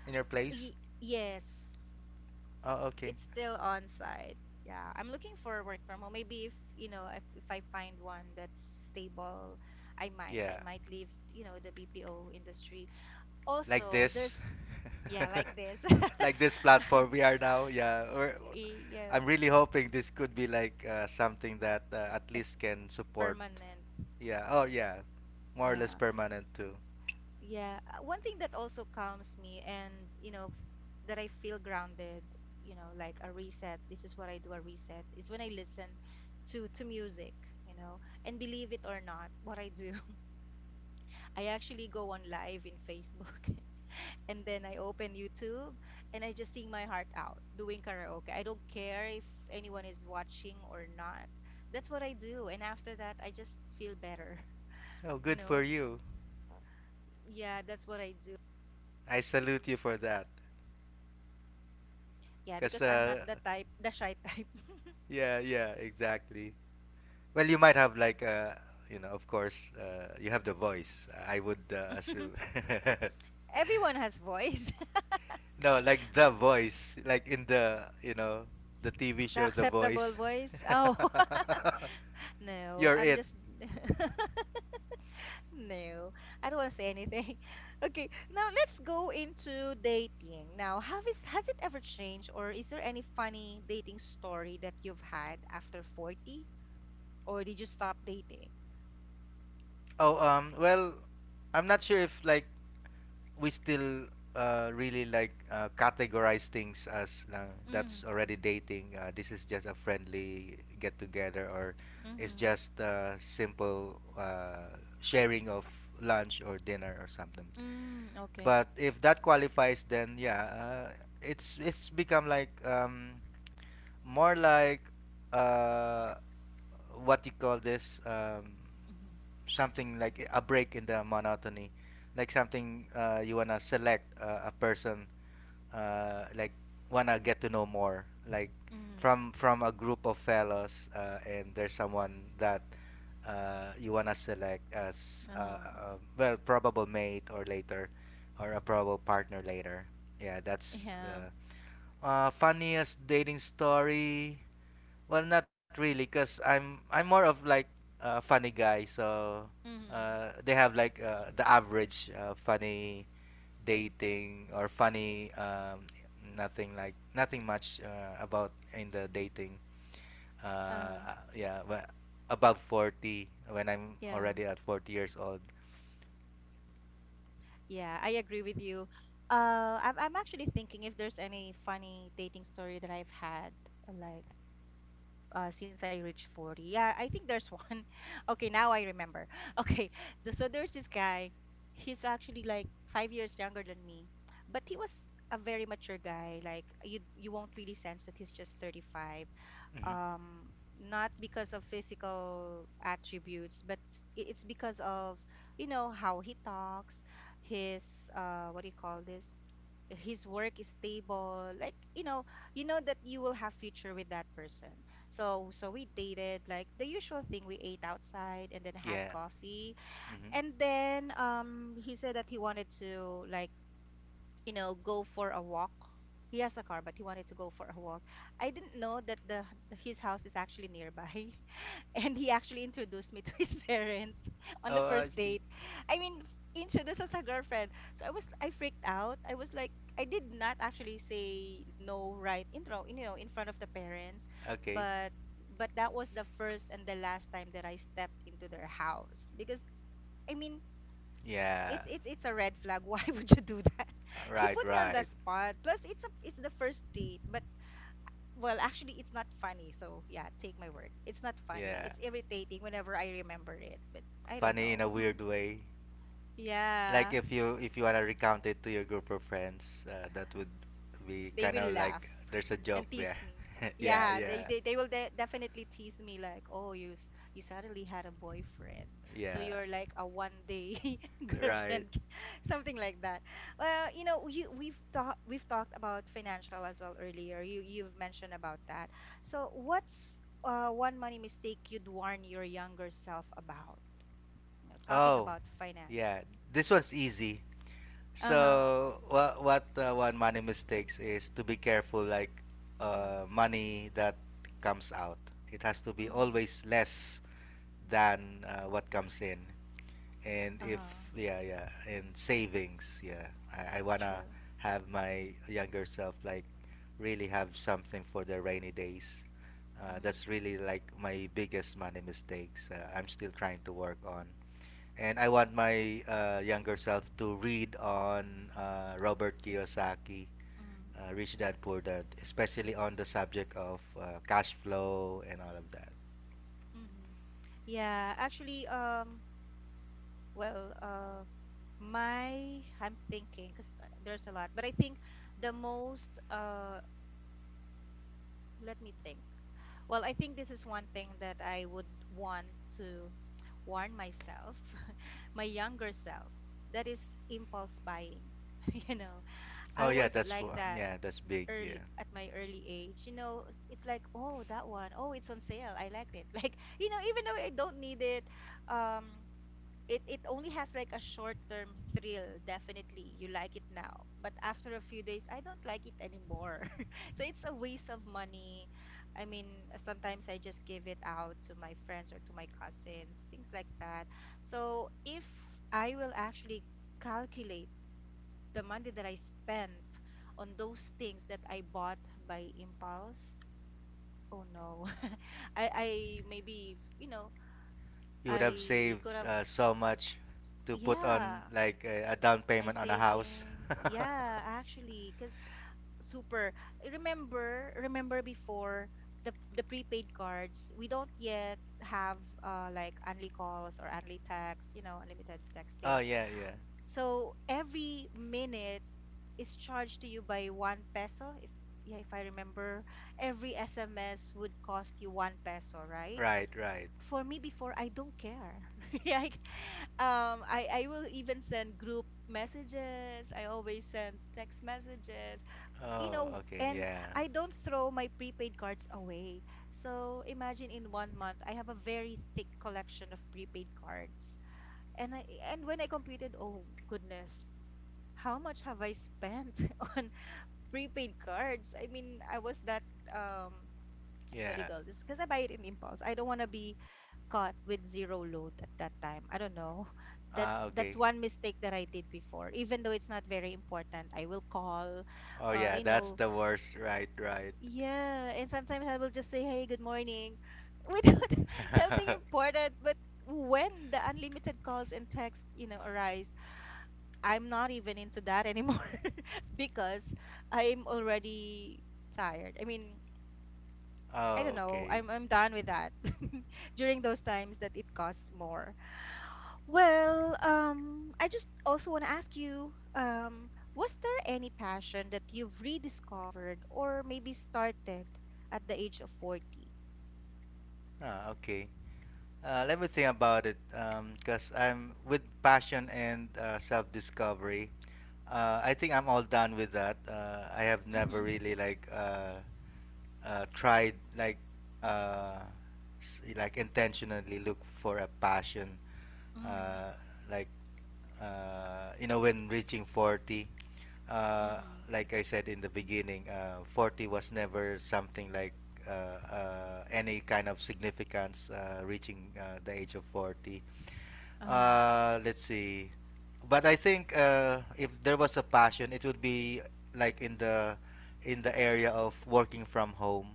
S2: in your place.
S1: yes,
S2: Oh, okay.
S1: it's still on site. Yeah, I'm looking for work from home. Maybe if, you know, if I find one that's stable, I might. I
S2: Yeah,
S1: might leave, you know, the BPO industry.
S2: like
S1: Also,
S2: this.
S1: there's, yeah, like this. [LAUGHS]
S2: [LAUGHS] Like this platform we are now. Yeah, we're,
S1: Yeah,
S2: I'm really hoping this could be like something that at
S1: ex
S2: least can support.
S1: permanent.
S2: Yeah. Oh yeah, more or less
S1: Yeah.
S2: permanent too.
S1: Yeah. One thing that also calms me and that I feel grounded, you know, like a reset. This is what I do, a reset, is when I listen to music, you know. And believe it or not, what I do, I actually go on live in Facebook [LAUGHS] and then I open YouTube and I just sing my heart out doing karaoke. I don't care if anyone is watching or not. That's what I do. And after that, I just feel better,
S2: Oh,
S1: [LAUGHS] you
S2: good for
S1: know?
S2: you.
S1: Yeah, that's what I do.
S2: I salute you for that.
S1: Yeah,
S2: Cause
S1: because I'm not the type, the shy type.
S2: Yeah, yeah, exactly. Well, you might have like, of course, you have the voice, I would assume.
S1: [LAUGHS] Everyone has voice. [LAUGHS]
S2: [LAUGHS] No, like the voice, like in the, you know, the TV
S1: The
S2: show, The
S1: acceptable
S2: Voice.
S1: voice. Oh, [LAUGHS]
S2: [LAUGHS]
S1: no,
S2: You're
S1: I'm
S2: it.
S1: just. [LAUGHS] No, I don't want to say anything. [LAUGHS] Okay, now let's go into dating. Now, have is has it ever changed, or is there any funny dating story that you've had after 40, or did you stop dating?
S2: Oh, well, I'm not sure if like we still really like categorize things as, that's
S1: Mm,
S2: already dating. This is just a friendly get together, or it's
S1: mm-hmm.
S2: just simple sharing of lunch or dinner or something.
S1: Mm, okay.
S2: But if that qualifies, then yeah, it's become like, more like, uh, what you call this
S1: Mm-hmm.
S2: something like a break in the monotony, like something you wanna select a person, uh, like wanna get to know more, like
S1: Mm,
S2: from a group of fellows, and there's someone that you wanna select as,
S1: um,
S2: well, probable mate or later, or a probable partner later. Yeah,
S1: [LAUGHS]
S2: that's
S1: yeah.
S2: funniest dating story. Well, not really, cause I'm more of like a funny guy. So
S1: Mm-hmm.
S2: they have like the average funny dating or funny, nothing like nothing much about in the dating.
S1: Uh-huh.
S2: Yeah, but above 40, when I'm
S1: Yeah.
S2: already at 40 years old.
S1: Yeah, I agree with you. I'm actually thinking if there's any funny dating story that I've had, like since I reached 40. Yeah, I think there's one. [LAUGHS] Okay, now I remember. [LAUGHS] Okay, so there's this guy. He's actually like 5 years younger than me, but he was a very mature guy. Like you won't really sense that he's just 35.
S2: Hmm.
S1: Um, not because of physical attributes, but it's because of, you know, how he talks, his what do you call this? His work is stable, like, you know, you know that you will have future with that person. So so we dated, like the usual thing, we ate outside and then had
S2: Yeah.
S1: coffee.
S2: Hmm.
S1: And then he said that he wanted to, like, go for a walk. He has a car, but he wanted to go for a walk. I didn't know that the his house is actually nearby, and he actually introduced me to his [LAUGHS] parents on the
S2: Oh, I
S1: first
S2: see.
S1: date. I mean, introduced as a girlfriend. So I freaked out. I was like, I did not actually say no right in front of the parents,
S2: Okay.
S1: but but that was the first and the last time that I stepped into their house because I mean,
S2: Yeah.
S1: it's a red flag. [LAUGHS] Why would you do that? He
S2: Right.
S1: put me on the
S2: Right.
S1: spot. Plus, it's a it's the first date, but well, actually, it's not funny. So, yeah, take my word. It's not funny.
S2: Yeah.
S1: It's irritating whenever I remember it, but I don't
S2: Funny in a
S1: know. [LAUGHS]
S2: weird way. Like
S1: Yeah.
S2: if you wanna recount it to your group of friends, that would be
S1: They
S2: kind
S1: will
S2: of
S1: laugh
S2: like there's a joke
S1: and
S2: there.
S1: tease me.
S2: [LAUGHS] yeah,
S1: Yeah, they
S2: yeah,
S1: they, they will definitely tease me like, "Oh, you suddenly had a boyfriend. So
S2: yeah.
S1: you're like a one day [LAUGHS]
S2: Right.
S1: girlfriend." [LAUGHS] Something like that. Well, you know, you we've talked about financial as well earlier. You've mentioned about that. So, what's one money mistake you'd warn your younger self about? You know, talking
S2: Oh,
S1: about
S2: yeah.
S1: finances.
S2: This one's easy.
S1: Uh-huh.
S2: So what one money mistakes is to be careful, like
S1: Mm-hmm.
S2: money that comes out. It has to be
S1: Mm-hmm.
S2: always less than what comes in. And if
S1: Uh-huh.
S2: yeah yeah and savings. Yeah, I wanna
S1: True.
S2: have my younger self like really have something for the rainy days.
S1: Mm-hmm.
S2: That's really like my biggest money mistakes. I'm still trying to work on. And I want my younger self to read on Robert Kiyosaki, Rich Dad Poor Dad, especially on the subject of cash flow and all of that.
S1: Mm-hmm. Yeah, actually, well, I'm thinking, because there's a lot, but I think the most, uh, let me think. Well, I think this is one thing that I would want to warn myself, [LAUGHS] my younger self, that is impulse buying. [LAUGHS] You know,
S2: Oh
S1: I
S2: yeah,
S1: was
S2: that's
S1: like
S2: one,
S1: that
S2: yeah, that's big,
S1: early
S2: yeah,
S1: at my early age. You know, it's like, oh, that one, oh, it's on sale. I liked it. [LAUGHS] Like, you know, even though I don't need it, um it only has like a short term thrill. Definitely you like it now, but after a few days I don't like it anymore. [LAUGHS] So it's a waste of money. I mean, sometimes I just give it out to my friends or to my cousins, things like that. So if I will actually calculate the money that I spent on those things that I bought by impulse, oh no, [LAUGHS] I maybe, you know,
S2: you would have
S1: I could
S2: saved
S1: have.
S2: so much to put on
S1: Yeah,
S2: like a down
S1: my
S2: payment on a house.
S1: savings. Yeah,
S2: [LAUGHS]
S1: actually, because super. Remember before the prepaid cards, we don't yet have like only calls or only text, you know, unlimited
S2: oh
S1: texting.
S2: yeah, yeah.
S1: So every minute is charged to you by 1 peso. If Yeah, if I remember, every SMS would cost you 1 peso, right?
S2: Right, right.
S1: For me before, I don't care. [LAUGHS] Yeah, I will even send group messages. I always send text messages. You
S2: Oh,
S1: know,
S2: okay,
S1: and
S2: yeah.
S1: I don't throw my prepaid cards away. So imagine in one month I have a very thick collection of prepaid cards. And I and when I computed, oh goodness, how much have I spent [LAUGHS] on prepaid cards? I mean, I was that, um what do you
S2: Yeah.
S1: call this? Because I buy it in impulse. I don't want to be caught with zero load at that time. I don't know. [LAUGHS]
S2: Ah,
S1: That's
S2: okay.
S1: that's one mistake that I did before. Even though it's not very important, I will call,
S2: Oh
S1: uh,
S2: yeah,
S1: you
S2: that's
S1: know,
S2: the worst. Right, right.
S1: yeah, and sometimes I will just say, "Hey, good morning," [LAUGHS] without [LAUGHS] something
S2: [LAUGHS]
S1: important. But when the unlimited calls and texts, you know, arise, I'm not even into that anymore [LAUGHS] because I'm already tired. I mean, I don't
S2: oh,
S1: know.
S2: okay.
S1: I'm done with that. [LAUGHS] During those times that it costs more. Well, I just also want to ask you, was there any passion that you've rediscovered or maybe started at the age of 40?
S2: Ah, okay. Let me think about it. Cause I'm with passion and self-discovery. I think I'm all done with that. I have never
S1: Mm-hmm.
S2: really like tried like uh, like intentionally look for a passion
S1: Mm-hmm.
S2: uh, like you know, when reaching 40, uh,
S1: Mm-hmm.
S2: like I said in the beginning, 40 was never something like any kind of significance, reaching the age of 40.
S1: Uh-huh.
S2: Let's see, but I think if there was a passion, it would be like in the area of working from home,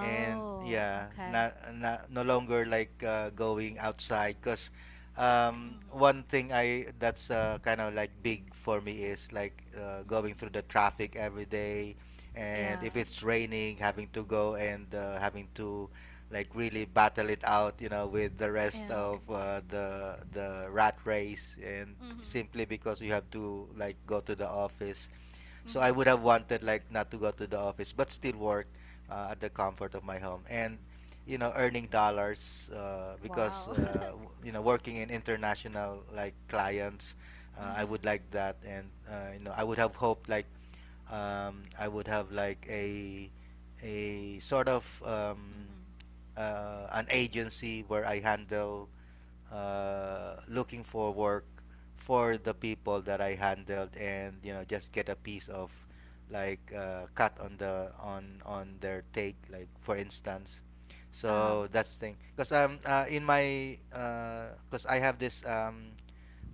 S2: and yeah,
S1: okay.
S2: not, not no longer like going outside. Because
S1: Mm-hmm.
S2: one thing I that's kind of like big for me is like going
S1: Mm-hmm.
S2: through the traffic every day, and
S1: Yeah.
S2: if it's raining, having to go, and having to like really battle it out, you know, with the rest
S1: Yeah.
S2: of the rat race, and
S1: Mm-hmm.
S2: simply because you have to like go to the office. So I
S1: Mm-hmm.
S2: would have wanted like not to go to the office, but still work at the comfort of my home, and you know, earning dollars, because
S1: Wow. [LAUGHS]
S2: you know, working in international like clients. I would
S1: Mm-hmm.
S2: like that, and you know, I would have hoped like I would have like a sort of
S1: Mm-hmm.
S2: an agency where I handle looking for work for the
S1: Mm-hmm.
S2: people that I handled, and you know, just get a piece of like cut on the on their take, like for instance.
S1: Uh-huh.
S2: So that's thing, because in my, because I have this um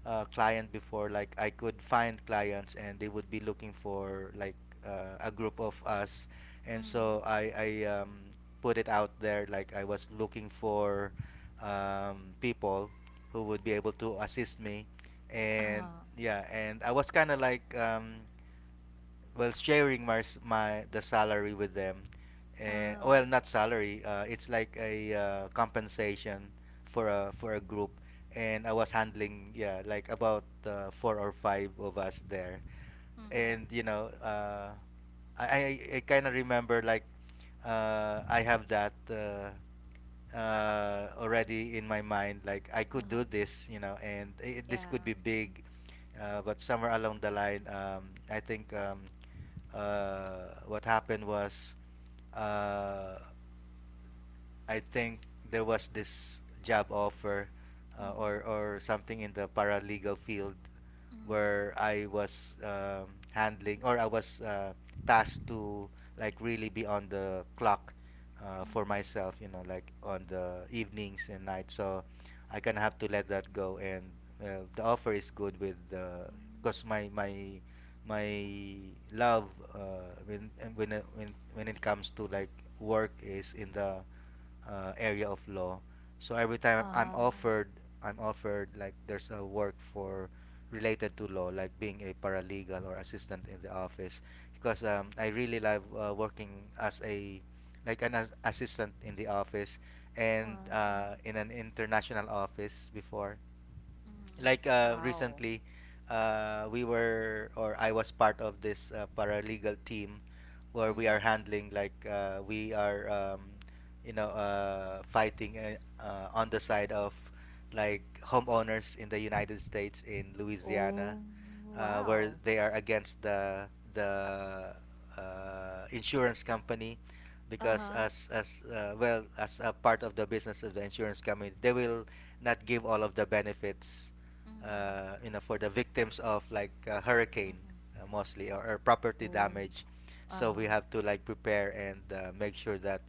S2: uh, client before, like I could find clients and they would be looking for like a group of us. And
S1: Mm-hmm.
S2: so I put it out there like I was looking for people who would be able to assist me. And
S1: Uh-huh.
S2: yeah, and I was kind of like well, sharing my the salary with them, well,
S1: Oh.
S2: not salary, it's like a compensation for a group. And I was handling, yeah, like about four or five of us there. And
S1: Mm-hmm.
S2: you know, I kind of remember like I have that already in my mind like I could
S1: Uh-huh.
S2: do this, you know, and I this could be
S1: Yeah.
S2: big. But somewhere along the line, I think, what happened was, uh, I think there was this job offer,
S1: Mm-hmm.
S2: or something in the paralegal field where I was handling, or I was tasked to like really be on the clock, for
S1: Mm-hmm.
S2: myself, you know, like on the evenings and nights. So I kind of have to let that go. And the offer is good with the,
S1: Hmm.
S2: because my love when and when it comes to like work is in the area of law. So every time
S1: Uh-huh.
S2: I'm offered like there's a work for related to law, like being a paralegal or assistant in the office, because I really love working as a like assistant in the office,
S1: Wow,
S2: and
S1: uh-huh.
S2: in an international office before,
S1: Mhm.
S2: like
S1: Wow.
S2: recently we were, or I was part of this paralegal team where we are
S1: Mhm.
S2: handling like we are you know, fighting on the side of like homeowners in the United States in Louisiana,
S1: Oh,
S2: where
S1: wow.
S2: they are against the insurance company, because
S1: Uh-huh.
S2: as well, as a part of the business of the insurance company, they will not give all of the benefits,
S1: Mhm.
S2: you know, for the victims of like hurricane
S1: Mhm.
S2: mostly, or property
S1: Oh,
S2: damage. So we
S1: uh-huh.
S2: have to like prepare and make sure that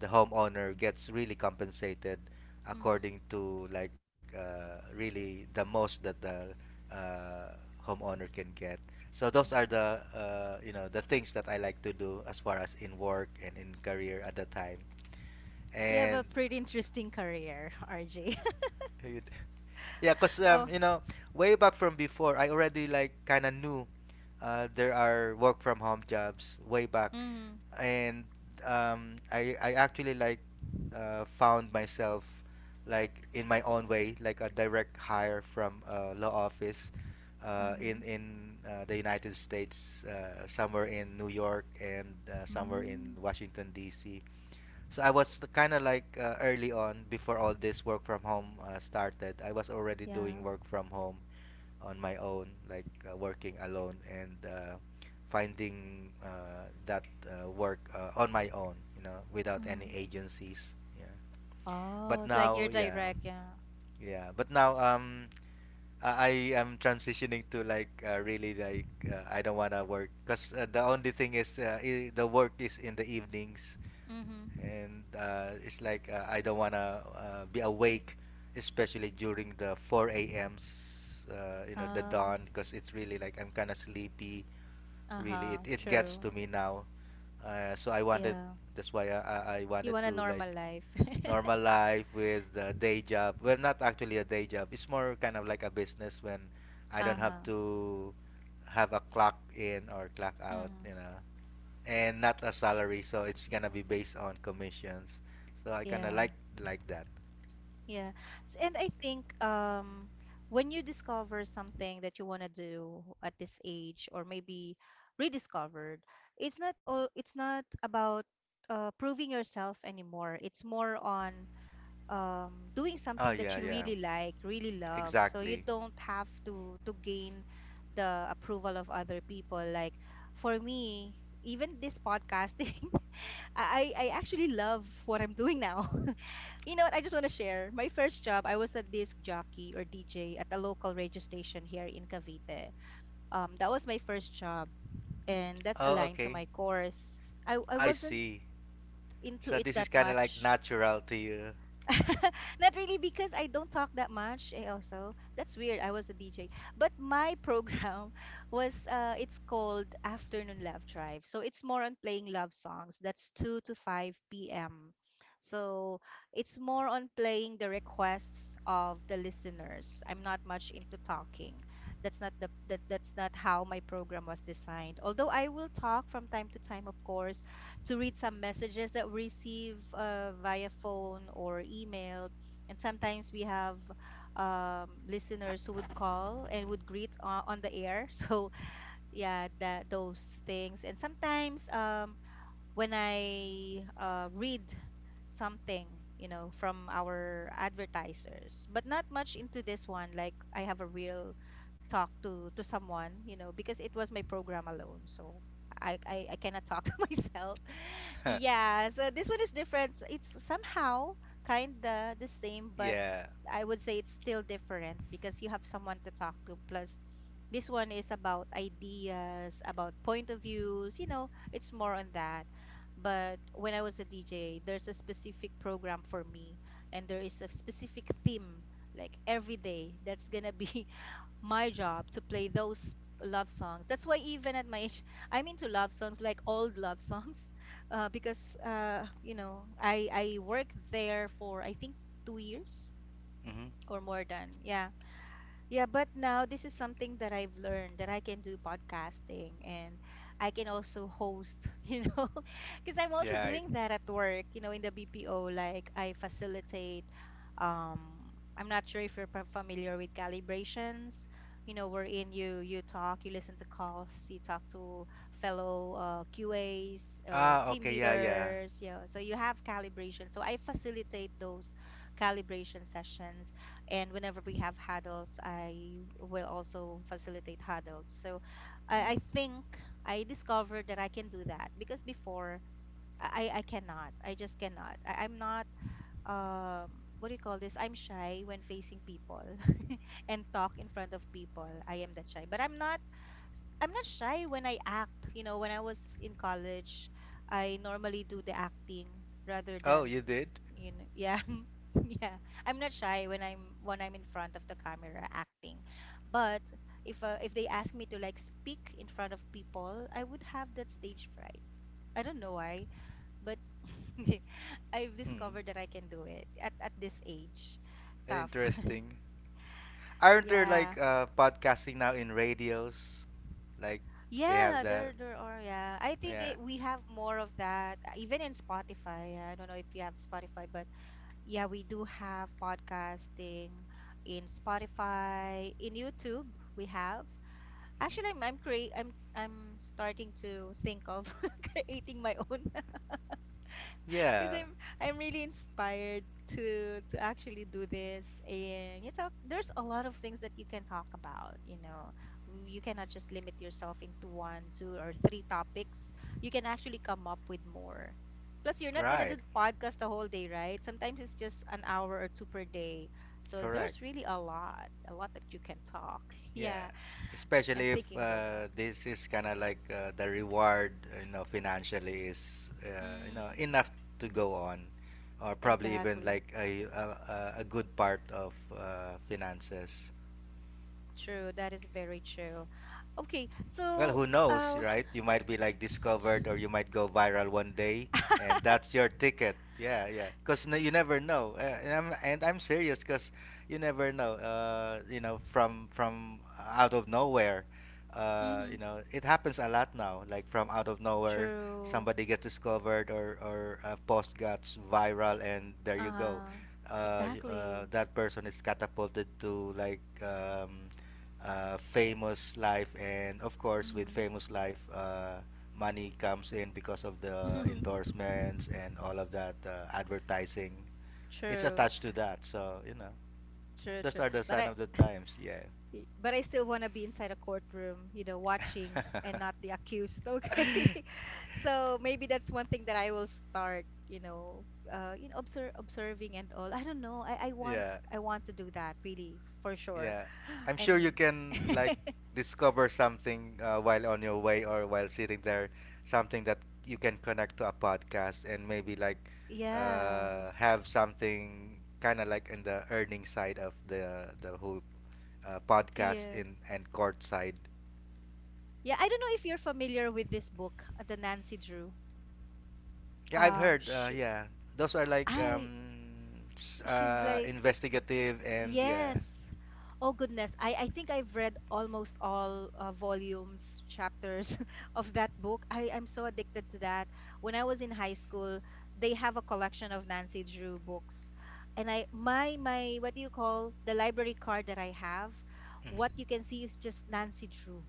S2: the homeowner gets really compensated
S1: Mhm.
S2: according to like really the most that the uh, homeowner can get. So those are
S1: Mhm.
S2: the you know, the things that I like to do as far as in work and in career at the time.
S1: You have a
S2: And
S1: pretty interesting career, [LAUGHS] RJ. [LAUGHS]
S2: [LAUGHS] yeah, cause
S1: Oh,
S2: you know, way back from before, I already like kind of knew there are work from home jobs way back,
S1: mhm.
S2: and I actually like found myself like in my own way, like a direct hire from a law office uh,
S1: Mhm.
S2: in in uh, the United States, somewhere in New York and somewhere in
S1: Mm,
S2: Washington D.C. So I was kind of like early on before all this work from home started. I was already
S1: yeah.
S2: doing work from home on my own, like working alone and finding that work on my own, you know, without any
S1: Mhm.
S2: agencies. Yeah.
S1: Oh,
S2: But
S1: it's like
S2: now,
S1: you're
S2: yeah,
S1: direct, yeah.
S2: yeah. But now, I am transitioning to like really like I don't wanna work because the only thing is I- the work is in the evenings,
S1: Mhm.
S2: and it's like I don't wanna be awake, especially during the 4 a.m.s, you know, the
S1: Oh,
S2: dawn, because it's really like I'm kind of sleepy. Really,
S1: uh-huh.
S2: it gets
S1: True.
S2: to me now. So I wanted,
S1: Yeah.
S2: that's why I
S1: You
S2: wanted
S1: want a
S2: to like
S1: normal life. [LAUGHS]
S2: normal life with a day job. Well, not actually a day job. It's more kind of like a business when I don't have
S1: Uh-huh.
S2: to have a clock in or clock out.
S1: Mhm.
S2: You know, and not a salary, so it's gonna be based on commissions. So I kind of
S1: Yeah.
S2: like that.
S1: Yeah. And I think when you discover something that you want to do at this age or maybe rediscovered, it's not about proving yourself anymore. It's more on doing
S2: Oh
S1: something
S2: yeah,
S1: that you
S2: yeah,
S1: really like, really love. So you
S2: exactly.
S1: don't have to gain the approval of other people. Like for me, even this podcasting, [LAUGHS] I actually love what I'm doing now. You know what? I just want to share. My first job, I was a disc jockey or DJ at a local radio station here in Cavite. That was my first job, and that's
S2: Oh
S1: aligned to
S2: okay,
S1: my course. I
S2: I
S1: wasn't
S2: see.
S1: into
S2: So
S1: it
S2: this is
S1: that
S2: kind of like
S1: much.
S2: natural to you.
S1: [LAUGHS] Not really because I don't talk that much. Also, that's weird. I was a DJ, but my program [LAUGHS] was it's called Afternoon Love Drive. So it's more on playing love songs. That's two to five p.m. So it's more on playing the requests of the listeners. I'm not much into talking. That's not that's not how my program was designed. Although I will talk from time to time, of course, to read some messages that we receive via phone or email. And sometimes we have listeners who would call and would greet on the air. [LAUGHS] So yeah, that those things. And sometimes when I read something, you know, from our advertisers, but not much into this one. Like I have a real talk to someone, you know, because it was my program alone. So I cannot talk [LAUGHS] to myself. Yeah, so this one is different. So it's somehow kinda the same, but
S2: Yeah.
S1: I would say it's still different because you have someone to talk to. Plus, this one is about ideas, about point of views, you know, it's more on that. But when I was a DJ, there's a specific program for me, and there is a specific theme, like every day. That's gonna be my job to play those love songs. That's why even at my age, [LAUGHS] I'm into love songs, like old love songs, [LAUGHS] because you know I worked there for I think 2 years
S2: Mm-hmm.
S1: or more than, yeah. Yeah, but now this is something that I've learned that I can do podcasting and I can also host, [LAUGHS] you know, because I'm also
S2: Yeah, I-
S1: doing that at work, you know, in the BPO. Like I facilitate, um, I'm not sure if you're familiar with calibrations, you know, wherein you talk, you listen to calls, you talk to fellow QAs or
S2: ah
S1: team
S2: okay, yeah, yeah.
S1: leaders, yeah. So you have calibration. So I facilitate those calibration sessions, and whenever we have huddles, I will also facilitate huddles. So
S2: Mm.
S1: I think I discovered that I can do that because before I cannot. I just cannot. I'm not, um, what do you call this? I'm shy when facing people [LAUGHS] and talk in front of people. I am that shy. But I'm not shy when I act. You know, when I was in college, I normally do the acting rather
S2: Oh,
S1: than,
S2: you did?
S1: you know, yeah. [LAUGHS] Yeah, I'm not shy when I'm in front of the camera acting. But if they ask me to like speak in front of people, I would have that stage fright. I don't know why, but [LAUGHS] I've
S2: Hmm.
S1: discovered that I can do it at this age. Tough. [LAUGHS]
S2: Interesting. Aren't there like
S1: Yeah.
S2: podcasting now in radios, like they have
S1: Yeah,
S2: that?
S1: there are. Yeah, I think
S2: Yeah.
S1: it, we have more of that even in Spotify. I don't know if you have Spotify, but yeah, we do have podcasting in Spotify, in YouTube we have.
S2: Mhm.
S1: Actually, I'm create I'm starting to think of [LAUGHS] creating my own because
S2: Yeah,
S1: I'm really inspired to actually do this, and you talk there's a lot of things that you can talk about, you know. You cannot just limit yourself into one, two, or three topics. You can actually come up with more. Plus, you're not gonna
S2: right,
S1: do the podcast the whole day, right? Sometimes it's just an hour or two per day. So
S2: correct.
S1: there's really a lot that you can talk. [LAUGHS]
S2: Yeah,
S1: Yeah, I'm
S2: especially if
S1: thinking about it.
S2: this is kind of like the reward, you know, financially is you know,
S1: Mm,
S2: enough to go on, or probably even
S1: exactly.
S2: like a a good part of finances.
S1: True. That is very true. Okay,
S2: Well,
S1: so
S2: who knows,
S1: uh,
S2: right? You might be like discovered or you might go viral one day, and
S1: [LAUGHS]
S2: that's your ticket. Yeah, yeah. Cuz you never know. And I'm serious cuz you never know. You know, from out of nowhere.
S1: Mm-hmm.
S2: You know, it happens a lot now. Like from out of nowhere,
S1: True.
S2: somebody gets discovered, or a post gets viral, and there you go.
S1: Huh. Exactly.
S2: That person is catapulted to like famous life, and of course with
S1: Mm.
S2: famous life money comes in because of the
S1: [LAUGHS]
S2: endorsements and all of that advertising, it's
S1: True.
S2: attached to that, so you know, those
S1: True.
S2: are the
S1: But
S2: sign
S1: I
S2: of the times, yeah.
S1: [LAUGHS] but I still want to be inside a courtroom, you know, watching and not the accused, okay? [LAUGHS] So maybe that's one thing that I will start, you know, observe observing and all. I don't know.
S2: [LAUGHS] yeah
S1: I want to do that really for sure.
S2: Yeah, I'm sure you
S1: And
S2: can
S1: [LAUGHS]
S2: like discover something while on your way or while sitting there, something that you can connect to a podcast, and maybe like
S1: yeah.
S2: have something kind of like in the earning side of the whole podcast
S1: Yeah.
S2: in and court side.
S1: Yeah, I don't know if you're familiar with this book, the Nancy Drew.
S2: Yeah, I've heard.
S1: She
S2: Yeah, those are like
S1: I she's like,
S2: investigative, and yeah.
S1: yes. Oh goodness, I think I've read almost all volumes chapters [LAUGHS] of that book. I'm so addicted to that. When I was in high school, they have a collection of Nancy Drew books, and I my, what do you call, the library card that I have,
S2: Mhm.
S1: what you can see is just Nancy Drew,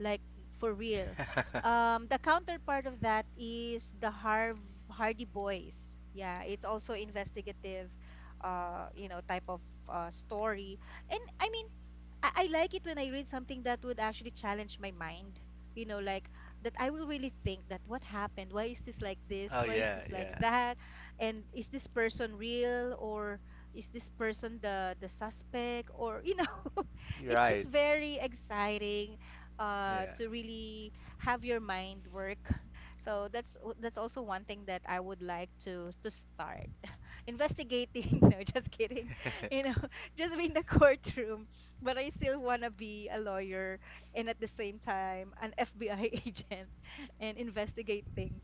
S1: like, for real.
S2: [LAUGHS]
S1: The counterpart of that is the Harv Hardy Boys. Yeah, it's also investigative, you know, type of story. And I mean, I like it when I read something that would actually challenge my mind. You know, like, that I will really think that what happened? Why is this like this?
S2: oh
S1: Why is
S2: yeah,
S1: this like
S2: yeah.
S1: that? And is this person real, or is this person the suspect? Or, you know, [LAUGHS]
S2: You're
S1: it's
S2: right.
S1: very exciting
S2: Yeah.
S1: to really have your mind work. [LAUGHS] So that's also one thing that I would like to start investigating. [LAUGHS] No, just kidding. [LAUGHS] You
S2: [LAUGHS]
S1: know, [LAUGHS] just be in the courtroom. But I still wanna be a lawyer and at the same time an FBI agent [LAUGHS] and investigate things.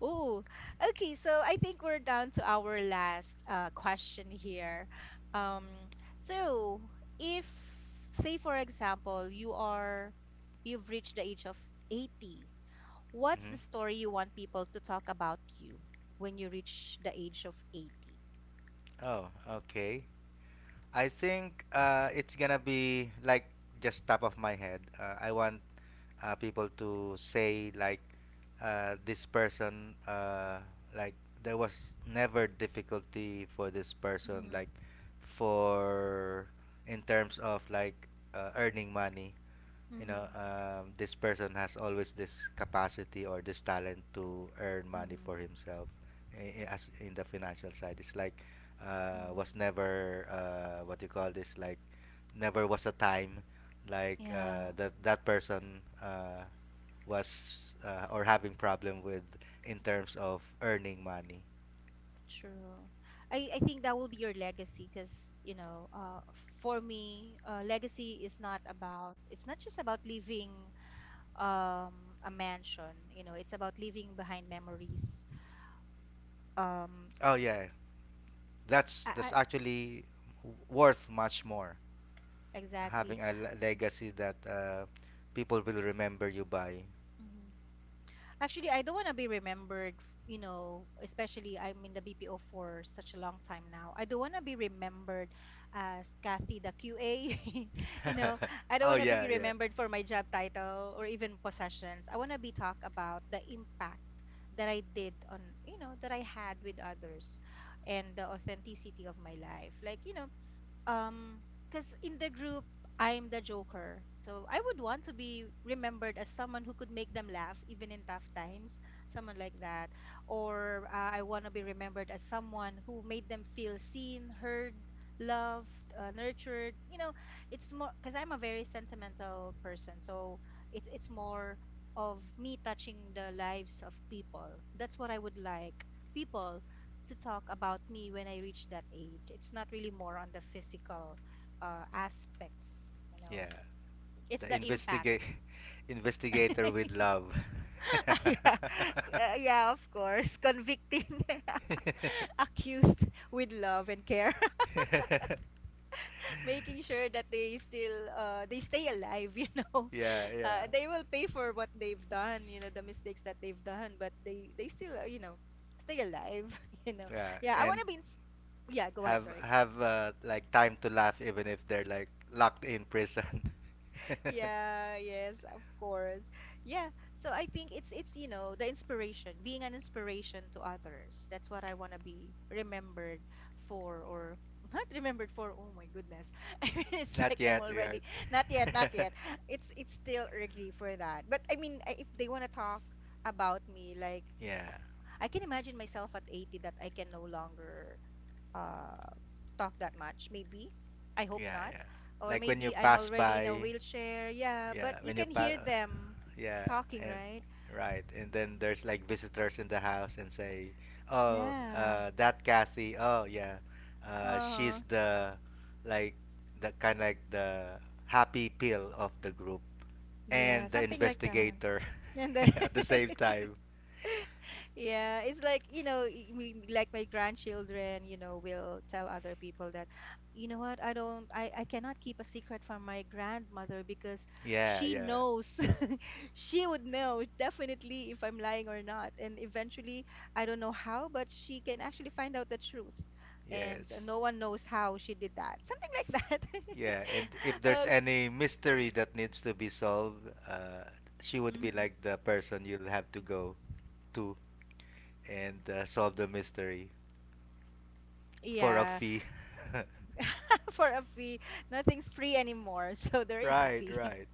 S1: Oh, okay. So I think we're down to our last question here. Um, so if, say, for example, you've reached the age of 80, what's the
S2: Mhm.
S1: story you want people to talk about you when you reach the age of 80?
S2: Oh, okay. I think it's gonna be like just top of my head. I want people to say like this person, like there was never difficulty for this person,
S1: Mhm,
S2: like for in terms of like earning money. You know,
S1: mhm,
S2: this person has always this capacity or this talent to earn money
S1: mhm,
S2: for himself. As in the financial side, it's like
S1: mhm.
S2: was never what you call this, like never was a time like
S1: Yeah,
S2: that that person was or having problem with in terms of earning money.
S1: true. I think that will be your legacy because, you know, for me, legacy is not about, it's not just about leaving a mansion, you know, it's about leaving behind memories. Um,
S2: Oh yeah, that's
S1: I,
S2: actually worth much more,
S1: exactly.
S2: having a legacy that people will remember you by.
S1: Actually, I don't want to be remembered, you know, especially I'm in the BPO for such a long time now. I don't want to be remembered as Kathy the QA. [LAUGHS] You know, I
S2: [LAUGHS]
S1: don't
S2: oh
S1: want to be
S2: yeah, yeah,
S1: remembered for my job title or even possessions. I want to be talked about the impact that I did on, you know, that I had with others, and the authenticity of my life. Like, you know, um, because in the group, I'm the joker. So I would want to be remembered as someone who could make them laugh even in tough times, someone like that. Or I want to be remembered as someone who made them feel seen, heard, loved, nurtured. You know, it's more because I'm a very sentimental person. So it's more of me touching the lives of people. That's what I would like. People to talk about me when I reach that age. It's not really more on the physical aspects, you know.
S2: yeah.
S1: It's
S2: The
S1: the impact.
S2: investigate, [LAUGHS] investigator
S1: [LAUGHS]
S2: with love.
S1: Yeah,
S2: [LAUGHS]
S1: yeah, of course. Convicting, [LAUGHS]
S2: [LAUGHS]
S1: accused with love and care, [LAUGHS] making sure that they still they stay alive. [LAUGHS] You know,
S2: yeah, yeah,
S1: they will pay for what they've done. You know, the mistakes that they've done, but they still you know, stay alive. [LAUGHS] You know,
S2: yeah.
S1: yeah. I want
S2: And
S1: to be. Yeah, go ahead. Sorry.
S2: have like time to laugh even if they're like locked in prison. [LAUGHS]
S1: Yeah, yes, of course. Yeah. So I think it's, you know, the inspiration, being an inspiration to others. That's what I want to be remembered for, or [LAUGHS] not remembered for. Oh my goodness. [LAUGHS] I mean, it's
S2: Not
S1: like I'm
S2: yet, Richard.
S1: already not yet, not
S2: [LAUGHS]
S1: yet. It's still early for that. But I mean, if they want to talk about me, like,
S2: yeah,
S1: of- I can imagine myself at 80 that I can no longer uh, talk that much, maybe. I hope
S2: yeah,
S1: not.
S2: yeah.
S1: Or
S2: Like when you
S1: maybe I'm
S2: pass
S1: already in a
S2: by,
S1: wheelchair. Yeah, but
S2: yeah,
S1: you
S2: when you
S1: can
S2: pass,
S1: hear them
S2: yeah,
S1: talking,
S2: and
S1: right?
S2: right, and then there's like visitors in the house and say, "Oh
S1: Yeah.
S2: uh, that Kathy, oh yeah,
S1: Uh-huh.
S2: she's the like the kind, like the happy pill of the group,
S1: Yeah,
S2: and the
S1: something like that.
S2: investigator
S1: And then
S2: [LAUGHS] at the same
S1: [LAUGHS]
S2: time."
S1: [LAUGHS] yeah, it's like, you know, we like my grandchildren, you know, will tell other people that, you know what, I don't, I cannot keep a secret from my grandmother because
S2: Yeah,
S1: she
S2: yeah,
S1: knows, [LAUGHS] she would know definitely if I'm lying or not. And eventually, I don't know how, but she can actually find out the truth. And
S2: yes.
S1: no one knows how she did that. Something like that.
S2: Yeah, and if
S1: [LAUGHS]
S2: there's
S1: Okay.
S2: any mystery that needs to be solved, she would be
S1: Mhm.
S2: like the person you'll have to go to, and solve the mystery for a
S1: Yeah,
S2: fee.
S1: [LAUGHS] for a fee, nothing's free anymore, [LAUGHS] so there
S2: [LAUGHS]
S1: is a
S2: right,
S1: fee.
S2: right.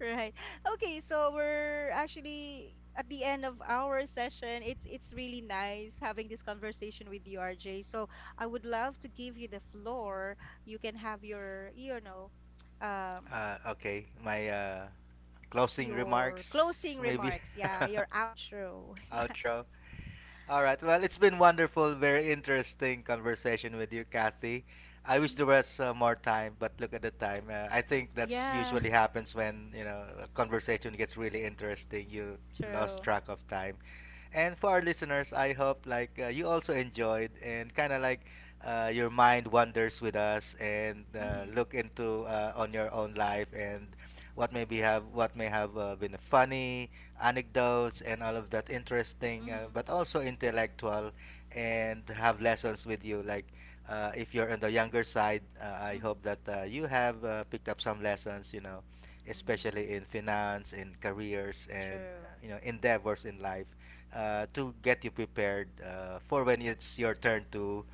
S1: Right. Okay, so we're actually at the end of our session. It's really nice having this conversation with you, RJ. So I would love to give you the floor. You can have your, you know, um,
S2: Okay, my closing
S1: your closing
S2: remarks, maybe.
S1: remarks.
S2: [LAUGHS]
S1: Yeah, your outro. [LAUGHS]
S2: outro. All right. Well, it's been wonderful, very interesting conversation with you, Kathy. I wish there was more time, but look at the time. I think that's
S1: Yeah. Mhm. Yeah,
S2: usually happens when you know a conversation gets really interesting. You lost
S1: true.
S2: track of time. And for our listeners, I hope like you also enjoyed and kind of like your mind wanders with us, and
S1: Mm-hmm.
S2: look into on your own life and what may have been funny anecdotes and all of that interesting,
S1: Mm-hmm.
S2: but also intellectual and have lessons with you like. If you're on the younger side, I hope
S1: Mm-hmm.
S2: that you have picked up some lessons, you know, especially
S1: Mm-hmm.
S2: in finance, in careers, and
S1: True.
S2: you know endeavors in life to get you prepared for when it's your turn to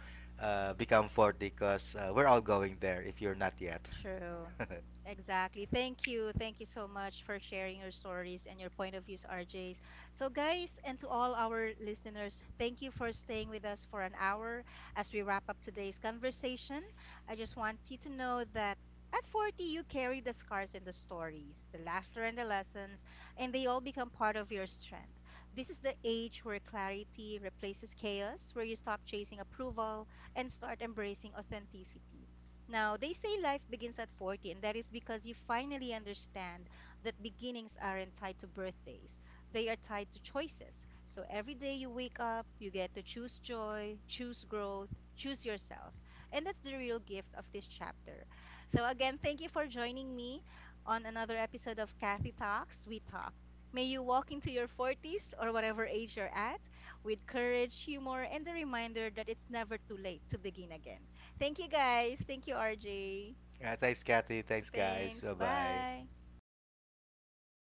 S2: become 40, because we're all going there if you're not yet.
S1: True.
S2: [LAUGHS]
S1: Exactly. Thank you. Thank you so much for sharing your stories and your point of views, RJs. So, guys, and to all our listeners, thank you for staying with us for an hour as we wrap up today's conversation. I just want you to know that at 40, you carry the scars and the stories, the laughter and the lessons, and they all become part of your strength. This is the age where clarity replaces chaos, where you stop chasing approval and start embracing authenticity. Now, they say life begins at 40, and that is because you finally understand that beginnings aren't tied to birthdays. They are tied to choices. So every day you wake up, you get to choose joy, choose growth, choose yourself. And that's the real gift of this chapter. So, again, thank you for joining me on another episode of Kathy Talks, We Talk. May you walk into your 40s or whatever age you're at with courage, humor, and the reminder that it's never too late to begin again. Thank you guys. Thank you, RJ.
S2: Yeah, thanks, Kathy. Thanks, guys.
S1: Thanks.
S2: Bye bye.
S1: Bye.